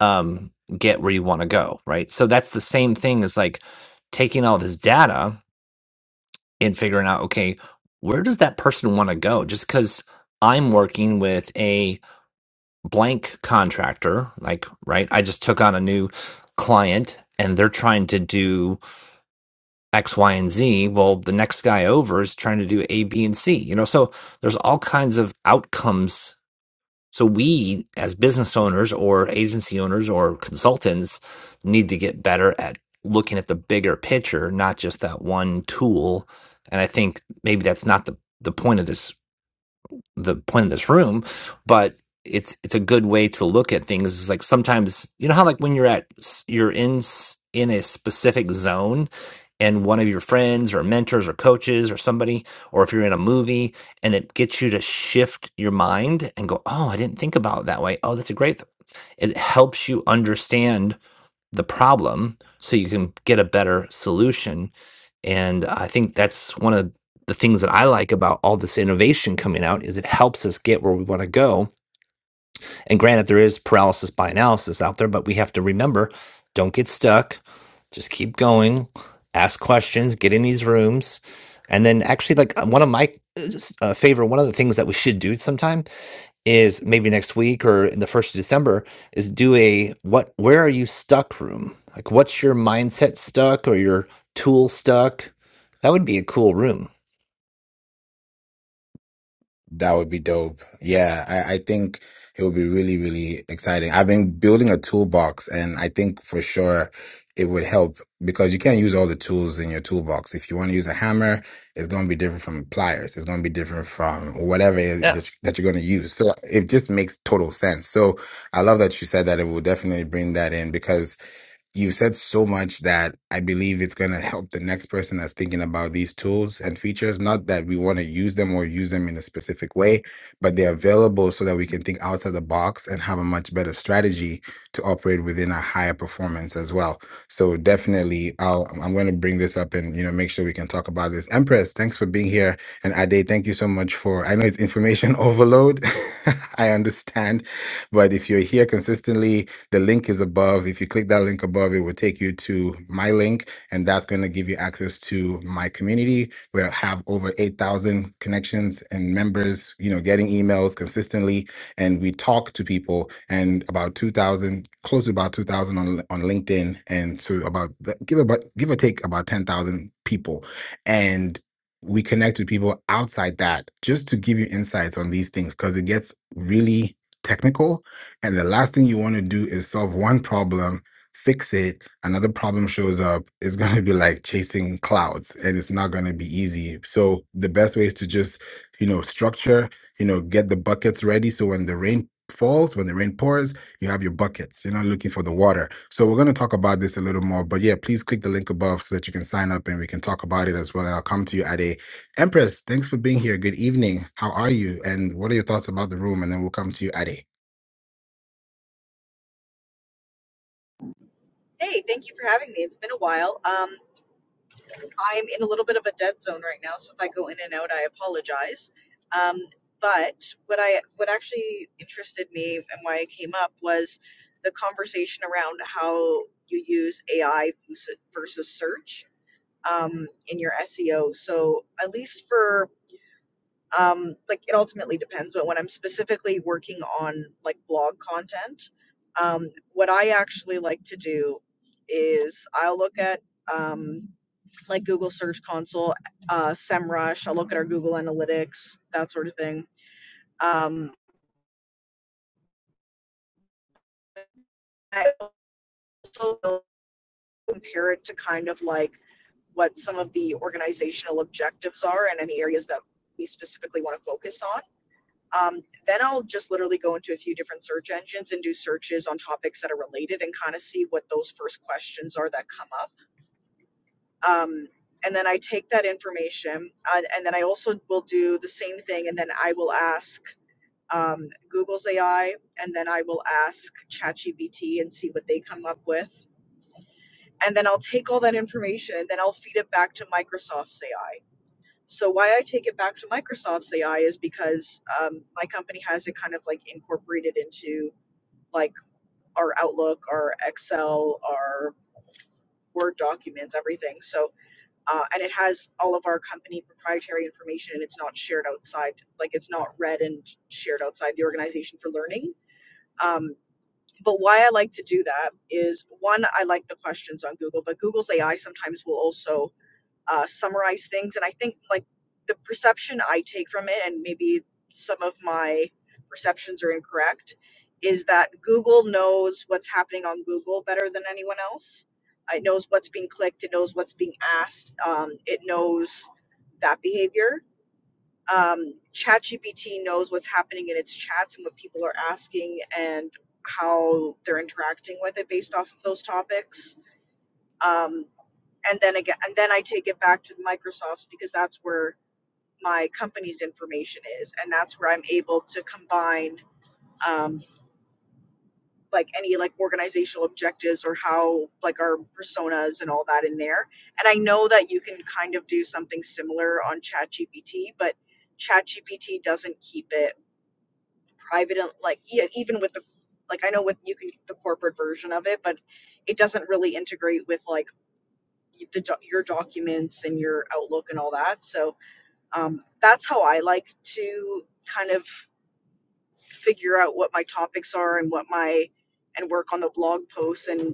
Speaker 2: um get where you want to go right so that's the same thing as like taking all this data and figuring out okay where does that person want to go just because i'm working with a blank contractor like right i just took on a new client and they're trying to do X, Y, and Z. Well, the next guy over is trying to do A, B, and C. You know, so there's all kinds of outcomes. So we, as business owners or agency owners or consultants, need to get better at looking at the bigger picture, not just that one tool. And I think maybe that's not the the point of this the point of this room, but it's it's a good way to look at things. It's like sometimes you know how like when you're at s- you're in s- in a specific zone, and one of your friends or mentors or coaches or somebody, or if you're in a movie and it gets you to shift your mind and go, oh, I didn't think about it that way. Oh, that's a great. Th-. It helps you understand the problem so you can get a better solution. And I think that's one of the things that I like about all this innovation coming out is it helps us get where we want to go and granted, there is paralysis by analysis out there, but we have to remember don't get stuck. Just keep going, ask questions, get in these rooms. And then, actually, like uh, one of my uh, uh, favorite, one of the things that we should do sometime is maybe next week or in the first of December is do a what, where are you stuck room? Like, what's your mindset stuck or your tool stuck? That would be a cool room.
Speaker 1: That would be dope. Yeah, I, I think it would be really, really exciting. I've been building a toolbox and I think for sure it would help because you can't use all the tools in your toolbox. If you want to use a hammer, it's going to be different from pliers. It's going to be different from whatever it is
Speaker 2: Yeah.
Speaker 1: just that you're going to use. So it just makes total sense. So I love that you said that it will definitely bring that in because you said so much that I believe it's going to help the next person that's thinking about these tools and features. Not that we want to use them or use them in a specific way, but they're available so that we can think outside the box and have a much better strategy to operate within a higher performance as well. So definitely, I'll, I'm going to bring this up and you know make sure we can talk about this. Empress, thanks for being here, and Ade, thank you so much for. I know it's information overload. I understand, but if you're here consistently the link is above. If you click that link above, it will take you to my link, and that's going to give you access to my community. where I have over 8,000 connections and members, you know, getting emails consistently, and we talk to people and about 2,000, close to about 2,000 on, on LinkedIn, and so about, give, about, give or take about 10,000 people. And we connect with people outside that just to give you insights on these things because it gets really technical and the last thing you want to do is solve one problem, fix it, another problem shows up. It's going to be like chasing clouds and it's not going to be easy. So the best way is to just, you know, structure, you know, get the buckets ready. So when the rain falls, when the rain pours, you have your buckets. You're not looking for the water. So we're going to talk about this a little more. But yeah, please click the link above so that you can sign up and we can talk about it as well. And I'll come to you at a Empress, thanks for being here. Good evening. How are you? And what are your thoughts about the room? And then we'll come to you, Ade.
Speaker 4: Hey, thank you for having me. It's been a while. Um, I'm in a little bit of a dead zone right now, so if I go in and out, I apologize. Um, but what I what actually interested me and why I came up was the conversation around how you use AI versus versus search um, in your SEO. So at least for um, like it ultimately depends but when i'm specifically working on like blog content um, what i actually like to do is i'll look at um, like google search console uh, semrush i'll look at our google analytics that sort of thing um, i also will compare it to kind of like what some of the organizational objectives are and any areas that we specifically want to focus on Um, then I'll just literally go into a few different search engines and do searches on topics that are related and kind of see what those first questions are that come up. Um, and then I take that information, and, and then I also will do the same thing, and then I will ask um, Google's AI, and then I will ask ChatGPT and see what they come up with. And then I'll take all that information, and then I'll feed it back to Microsoft's AI so why I take it back to Microsoft's AI is because um, my company has it kind of like incorporated into like our Outlook, our Excel, our Word documents, everything. So uh, and it has all of our company proprietary information, and it's not shared outside. Like it's not read and shared outside the organization for learning. Um, but why I like to do that is one, I like the questions on Google, but Google's AI sometimes will also uh, summarize things. And I think like the perception I take from it, and maybe some of my perceptions are incorrect, is that Google knows what's happening on Google better than anyone else. It knows what's being clicked. It knows what's being asked. Um, it knows that behavior. Um, ChatGPT knows what's happening in its chats and what people are asking and how they're interacting with it based off of those topics Um, and then again and then i take it back to the microsoft because that's where my company's information is and that's where i'm able to combine um, like any like organizational objectives or how like our personas and all that in there and i know that you can kind of do something similar on chatgpt but chatgpt doesn't keep it private and like e- even with the like i know with you can keep the corporate version of it but it doesn't really integrate with like the your documents and your outlook and all that so um, that's how I like to kind of figure out what my topics are and what my and work on the blog posts and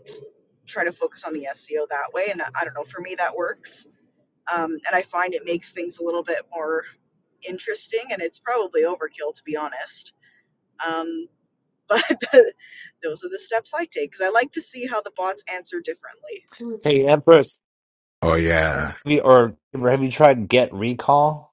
Speaker 4: try to focus on the SEO that way. And I I don't know, for me that works, um, and I find it makes things a little bit more interesting. And it's probably overkill to be honest. Um, but the, those are the steps I take because I like to see how the bots answer differently.
Speaker 2: Hey, Empress,
Speaker 1: Oh yeah,
Speaker 2: have you- or have you tried Get Recall?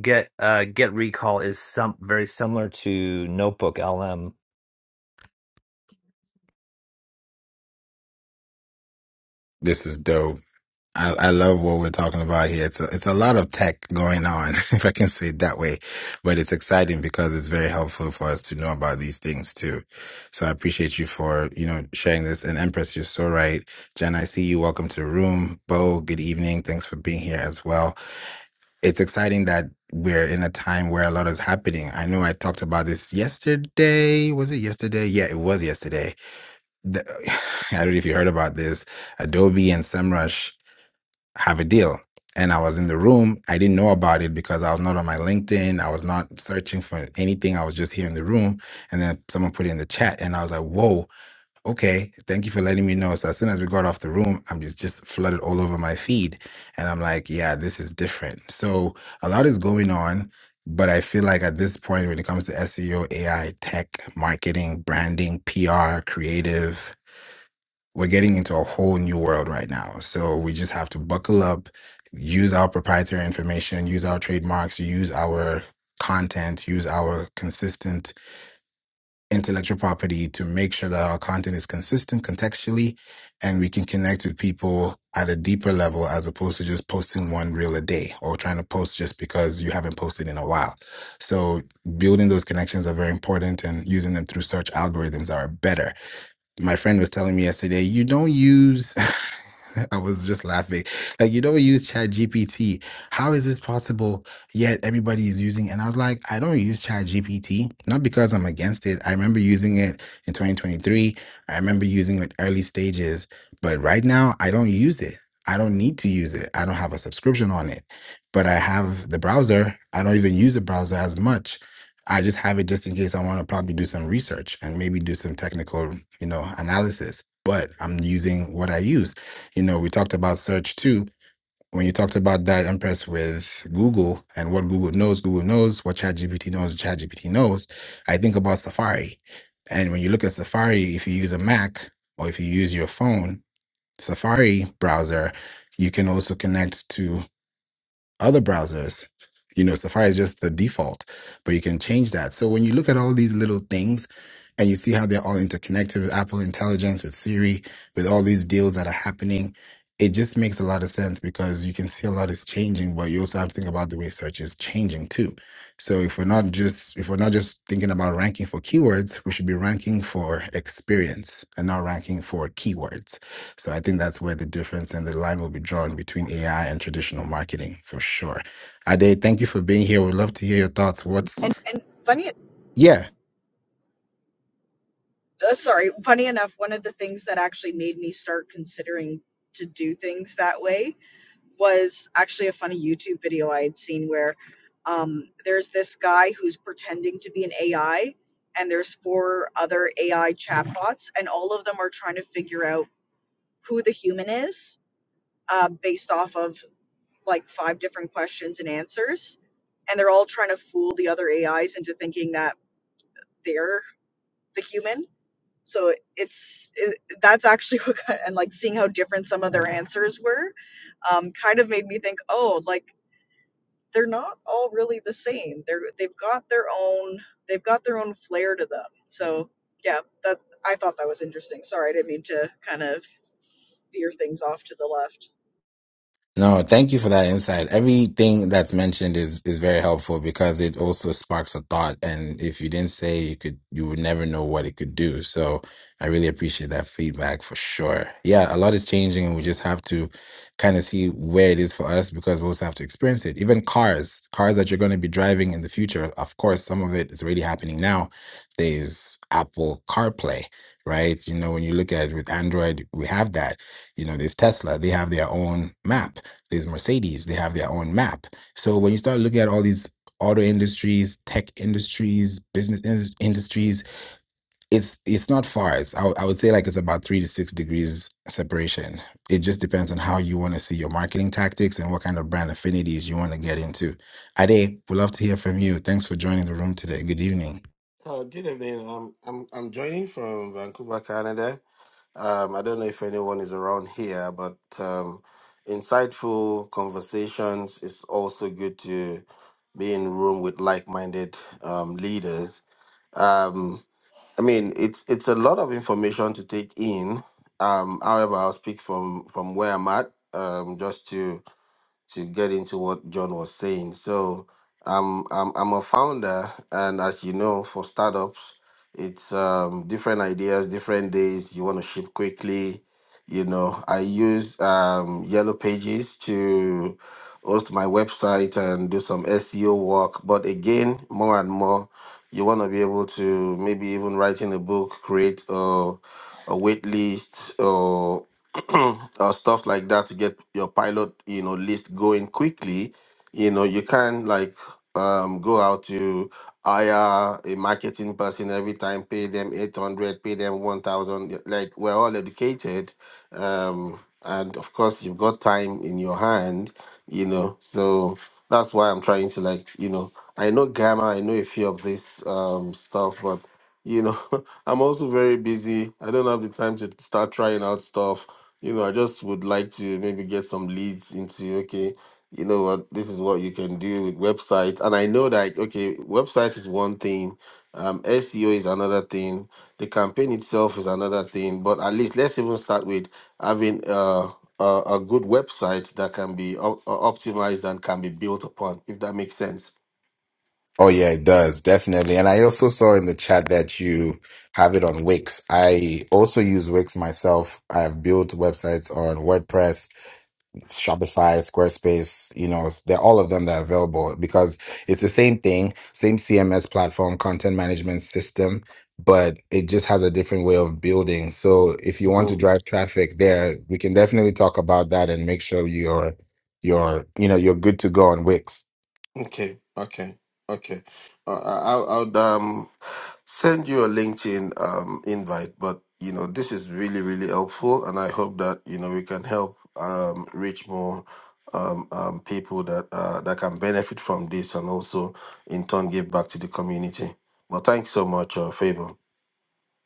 Speaker 2: Get uh, Get Recall is some very similar to Notebook LM.
Speaker 1: this is dope. I, I love what we're talking about here. It's a, it's a lot of tech going on, if I can say it that way, but it's exciting because it's very helpful for us to know about these things too. So I appreciate you for, you know, sharing this. And Empress, you're so right. Jen, I see you. Welcome to the room. Bo, good evening. Thanks for being here as well. It's exciting that we're in a time where a lot is happening. I know I talked about this yesterday. Was it yesterday? Yeah, it was yesterday the, I don't know if you heard about this. Adobe and SEMrush have a deal. And I was in the room. I didn't know about it because I was not on my LinkedIn. I was not searching for anything. I was just here in the room. And then someone put it in the chat. And I was like, whoa, okay. Thank you for letting me know. So as soon as we got off the room, I'm just, just flooded all over my feed. And I'm like, yeah, this is different. So a lot is going on. But I feel like at this point, when it comes to SEO, AI, tech, marketing, branding, PR, creative, we're getting into a whole new world right now. So we just have to buckle up, use our proprietary information, use our trademarks, use our content, use our consistent intellectual property to make sure that our content is consistent contextually and we can connect with people at a deeper level as opposed to just posting one reel a day or trying to post just because you haven't posted in a while. So building those connections are very important and using them through search algorithms are better my friend was telling me yesterday, you don't use I was just laughing. Like you don't use Chat GPT. How is this possible yet everybody is using and I was like, I don't use Chat GPT, not because I'm against it. I remember using it in 2023. I remember using it early stages, but right now I don't use it. I don't need to use it. I don't have a subscription on it. But I have the browser. I don't even use the browser as much I just have it just in case I want to probably do some research and maybe do some technical, you know, analysis. But I'm using what I use. You know, we talked about search too. When you talked about that I'm impressed with Google and what Google knows, Google knows what ChatGPT knows, ChatGPT knows. I think about Safari. And when you look at Safari, if you use a Mac or if you use your phone, Safari browser, you can also connect to other browsers. You know, Safari is just the default, but you can change that. So when you look at all these little things and you see how they're all interconnected with Apple Intelligence, with Siri, with all these deals that are happening, it just makes a lot of sense because you can see a lot is changing, but you also have to think about the way search is changing too. So if we're not just if we're not just thinking about ranking for keywords, we should be ranking for experience and not ranking for keywords. So I think that's where the difference and the line will be drawn between AI and traditional marketing for sure. Ade, thank you for being here. We'd love to hear your thoughts. What's
Speaker 4: And And funny.
Speaker 1: yeah?
Speaker 4: uh, sorry, funny enough, one of the things that actually made me start considering to do things that way was actually a funny YouTube video I had seen where um, there's this guy who's pretending to be an AI, and there's four other AI chatbots, and all of them are trying to figure out who the human is uh, based off of like five different questions and answers. And they're all trying to fool the other AIs into thinking that they're the human so it's it, that's actually what kind and like seeing how different some of their answers were um, kind of made me think oh like they're not all really the same they're they've got their own they've got their own flair to them so yeah that i thought that was interesting sorry i didn't mean to kind of veer things off to the left
Speaker 1: No, thank you for that insight. Everything that's mentioned is is very helpful because it also sparks a thought. And if you didn't say, you could you would never know what it could do. So I really appreciate that feedback for sure. Yeah, a lot is changing, and we just have to kind of see where it is for us because we also have to experience it. Even cars, cars that you're going to be driving in the future. Of course, some of it is already happening now. There's Apple CarPlay, right? You know, when you look at it with Android, we have that you know there's tesla they have their own map there's Mercedes, they have their own map. So when you start looking at all these auto industries, tech industries, business indus- industries, it's it's not far. It's, I, would- I would say like it's about three to six degrees separation. It just depends on how you want to see your marketing tactics and what kind of brand affinities you want to get into. Ade, we'd love to hear from you. Thanks for joining the room today. Good evening.
Speaker 5: Uh, good evening. Um, I'm I'm joining from Vancouver, Canada. Um, I don't know if anyone is around here, but um, insightful conversations. It's also good to be in room with like-minded um, leaders. Um, I mean, it's it's a lot of information to take in. Um, however, I'll speak from from where I'm at, um, just to to get into what John was saying. So I'm I'm I'm a founder, and as you know, for startups, it's um, different ideas, different days. You want to ship quickly. You know, I use um, Yellow Pages to host my website and do some SEO work. But again, more and more, you want to be able to maybe even writing a book, create a, a wait list, or or stuff like that to get your pilot, you know, list going quickly, you know, you can like um, go out to hire a marketing person every time, pay them 800, pay them 1,000. Like we're all educated. Um, and of course you've got time in your hand, you know, so that's why I'm trying to like, you know, I know grammar, I know a few of this um, stuff, but you know i'm also very busy i don't have the time to start trying out stuff you know i just would like to maybe get some leads into okay you know what this is what you can do with websites and i know that okay website is one thing um, seo is another thing the campaign itself is another thing but at least let's even start with having uh, a, a good website that can be op- optimized and can be built upon if that makes sense
Speaker 1: Oh yeah, it does definitely. And I also saw in the chat that you have it on Wix. I also use Wix myself. I have built websites on WordPress Shopify, Squarespace, you know, s- they're all of them that are available because it's the same thing, same CMS platform, content management system, but it just has a different way of building. So if you want to drive traffic there, we can definitely talk about that and make sure you're you're you know you're good to go on Wix.
Speaker 5: Okay, okay, okay. Uh, I, I'll, I'll um send you a LinkedIn um invite, but you know this is really really helpful, and I hope that you know we can help um reach more um um people that uh that can benefit from this, and also in turn give back to the community. Well, thanks so much, uh, Favor.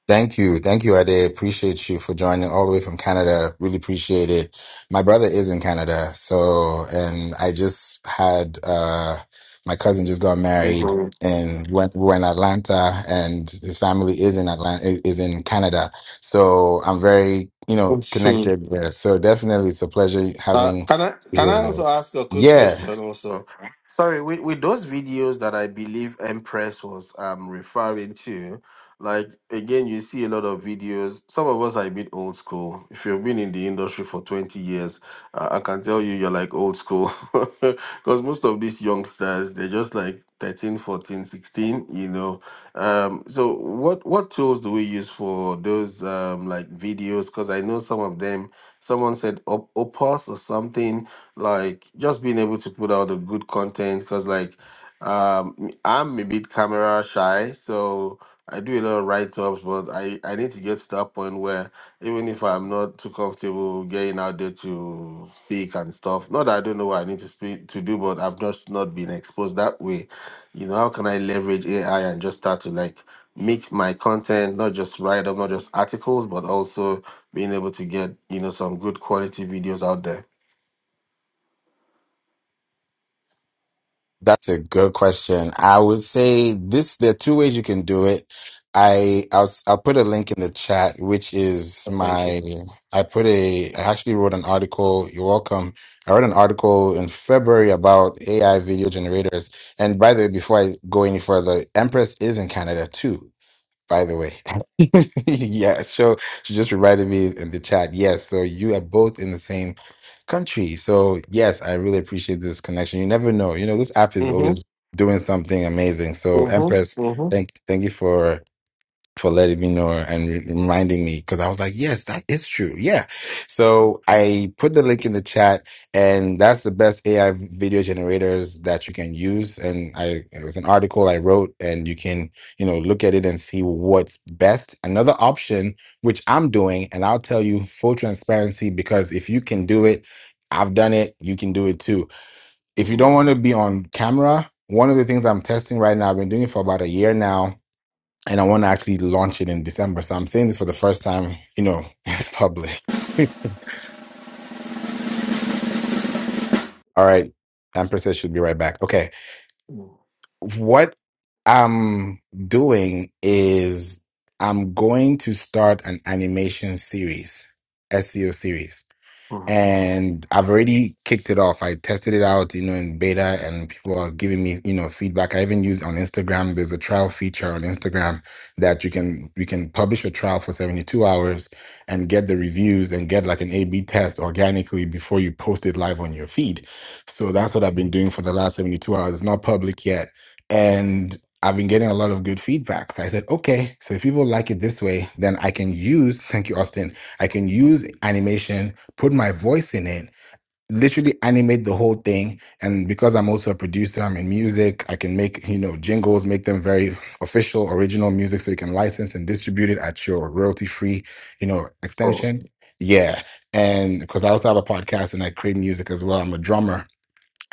Speaker 1: Thank you. Thank you, Ade. Appreciate you for joining all the way from Canada. Really appreciate it. My brother is in Canada. So, and I just had, uh, my cousin just got married
Speaker 5: Mhm.
Speaker 1: and went, we're in Atlanta and his family is in Atlanta, is in Canada. So I'm very, you know, connected there. So definitely it's a pleasure
Speaker 5: Uh,
Speaker 1: having
Speaker 5: can I
Speaker 1: you here
Speaker 5: can I
Speaker 1: with
Speaker 5: also
Speaker 1: us.
Speaker 5: ask a quick
Speaker 1: Yeah.
Speaker 5: question? Also, sorry, with, with those videos that I believe Empress was um referring to, like again, you see a lot of videos. Some of us are a bit old school. If you've been in the industry for twenty years, uh, I can tell you you're like old school because most of these youngsters they're just like 13, 14, 16, you know um so what what tools do we use for those um like videos because i know some of them Someone said op- opus or something like just being able to put out the good content because like um m- i'm a bit camera shy so i do a lot of write-ups but i i need to get to that point where even if i'm not too comfortable getting out there to speak and stuff not that i don't know what i need to speak to do but i've just not been exposed that way you know how can i leverage ai and just start to like mix my content not just write up not just articles but also being able to get you know some good quality videos out there
Speaker 1: That's a good question. I would say this, there are two ways you can do it. I, I'll, s- I'll put a link in the chat, which is my, I put a, I actually wrote an article. You're welcome. I wrote an article in February about AI video generators. And by the way, before I go any further, Empress is in Canada too by the way. yeah, so she just reminded me in the chat. Yes, so you are both in the same country. So yes, I really appreciate this connection. You never know. You know, this app is always doing something amazing. So
Speaker 5: Mm-hmm.
Speaker 1: Empress,
Speaker 5: Mm-hmm.
Speaker 1: thank thank you for for letting me know and re- reminding me because I was like, yes, that is true. Yeah. So I put the link in the chat and that's the best AI video generators that you can use. And I, it was an article I wrote and you can, you know, look at it and see what's best. Another option, which I'm doing, and I'll tell you full transparency because if you can do it, I've done it, you can do it too. If you don't want to be on camera, one of the things I'm testing right now, I've been doing it for about a year now and I want to actually launch it in December. So I'm saying this for the first time, you know, public. All right. Amper says she'll be right back. Okay.
Speaker 5: Mm-hmm.
Speaker 1: What I'm doing is I'm going to start an animation series, SEO series.
Speaker 5: Mm-hmm.
Speaker 1: and I've already kicked it off. I tested it out, you know, in beta, and people are giving me, you know, feedback. I even used on Instagram. There's a trial feature on Instagram that you can you can publish a trial for 72 hours and get the reviews and get like an A/B test organically before you post it live on your feed. So that's what I've been doing for the last 72 hours. It's not public yet, and I've been getting a lot of good feedback. So I said, okay, so if people like it this way, then I can use, thank you, Austin, I can use animation put my voice in it, literally animate the whole thing. And because I'm also a producer, I'm in music, I can make, you know, jingles, make them very official, original music so you can license and distribute it at your royalty free, you know,
Speaker 5: Oh,
Speaker 1: extension. Yeah. And because I also have a podcast and I create music as well. I'm a drummer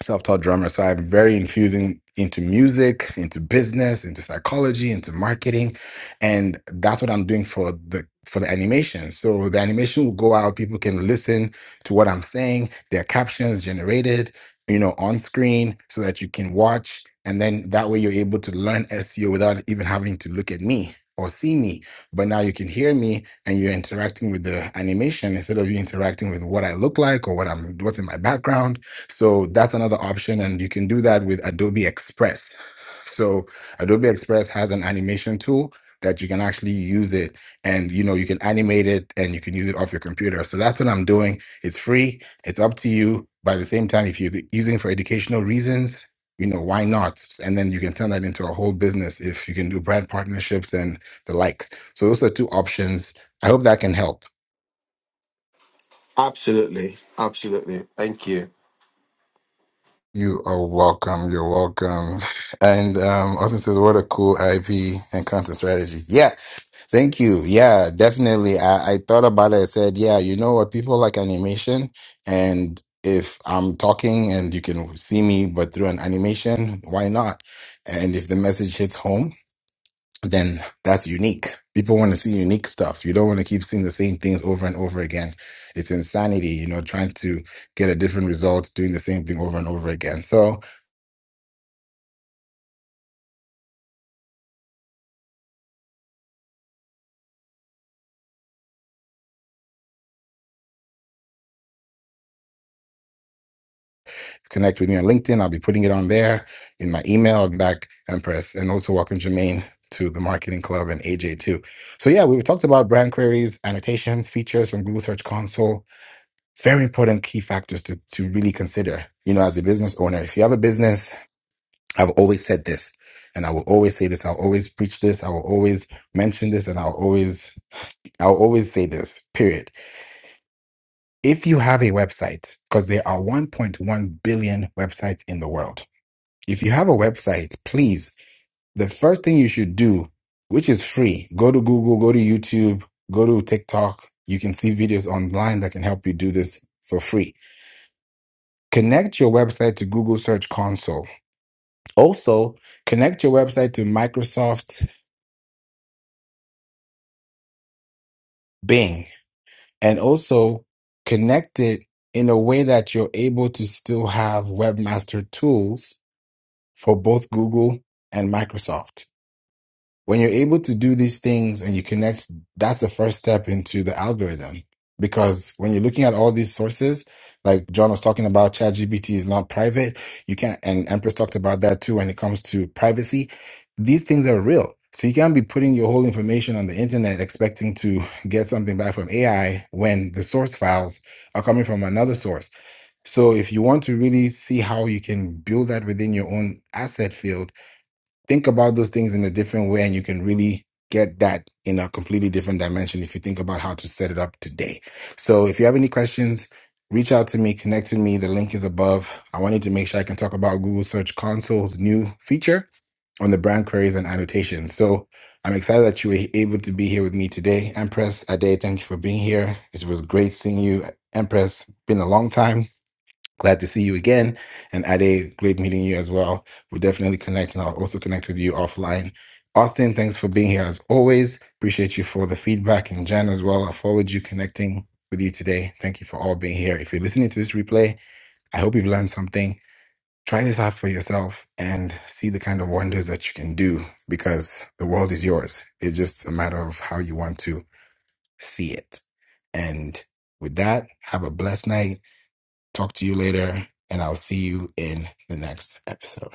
Speaker 1: self-taught drummer so i'm very infusing into music into business into psychology into marketing and that's what i'm doing for the for the animation so the animation will go out people can listen to what i'm saying their captions generated you know on screen so that you can watch and then that way you're able to learn seo without even having to look at me or see me but now you can hear me and you're interacting with the animation instead of you interacting with what i look like or what i'm what's in my background so that's another option, and you can do that with Adobe Express. So Adobe Express has an animation tool that you can actually use it and you know you can animate it and you can use it off your computer. So that's what I'm doing. It's free, it's up to you. By the same time, if you're using it for educational reasons, you know, why not? And then you can turn that into a whole business if you can do brand partnerships and the likes. So those are two options. I hope that can help.
Speaker 5: Absolutely. Absolutely. Thank you.
Speaker 1: You are welcome. You're welcome. And um, Austin says, "What a cool IP and content strategy." Yeah, thank you. Yeah, definitely. I, I thought about it. I said, "Yeah, you know what? People like animation, and if I'm talking and you can see me, but through an animation, why not? And if the message hits home." Then that's unique. People want to see unique stuff. You don't want to keep seeing the same things over and over again. It's insanity, you know, trying to get a different result doing the same thing over and over again. So, connect with me on LinkedIn. I'll be putting it on there in my email and back Empress. And also welcome Jermaine to the marketing club and AJ too. So yeah, we've talked about brand queries, annotations, features from Google Search Console. Very important key factors to, to really consider, you know, as a business owner. If you have a business, I've always said this and I will always say this. I'll always preach this. I will always mention this and I'll always, I'll always say this period. If you have a website, because there are 1.1 billion websites in the world, If you have a website, please, the first thing you should do, which is free, go to Google, go to YouTube, go to TikTok. You can see videos online that can help you do this for free. Connect your website to Google Search Console. Also, connect your website to Microsoft Bing and also connect it in a way that you're able to still have webmaster tools for both Google and Microsoft. when you're able to do these things and you connect, that's the first step into the algorithm. Because when you're looking at all these sources, like John was talking about, ChatGPT is not private. You can't, and Empress talked about that too when it comes to privacy. These things are real. So you can't be putting your whole information on the internet expecting to get something back from AI when the source files are coming from another source. So if you want to really see how you can build that within your own asset field, think about those things in a different way and you can really get that in a completely different dimension if you think about how to set it up today. So if you have any questions, reach out to me, connect to me. The link is above. I wanted to make sure I can talk about Google Search Console's new feature on the brand queries and annotations. So I'm excited that you were able to be here with me today. Empress Ade, thank you for being here. It was great seeing you. Empress, been a long time. Glad to see you again. And Ade, great meeting you as well. We'll definitely connect and I'll also connect with you offline. Austin, thanks for being here as always. Appreciate you for the feedback. And Jan as well, I followed you connecting with you today. Thank you for all being here. If you're listening to this replay, I hope you've learned something. Try this out for yourself and see the kind of wonders that you can do because the world is yours. It's just a matter of how you want to see it. And with that, have a blessed night Talk to you later, and I'll see you in the next episode.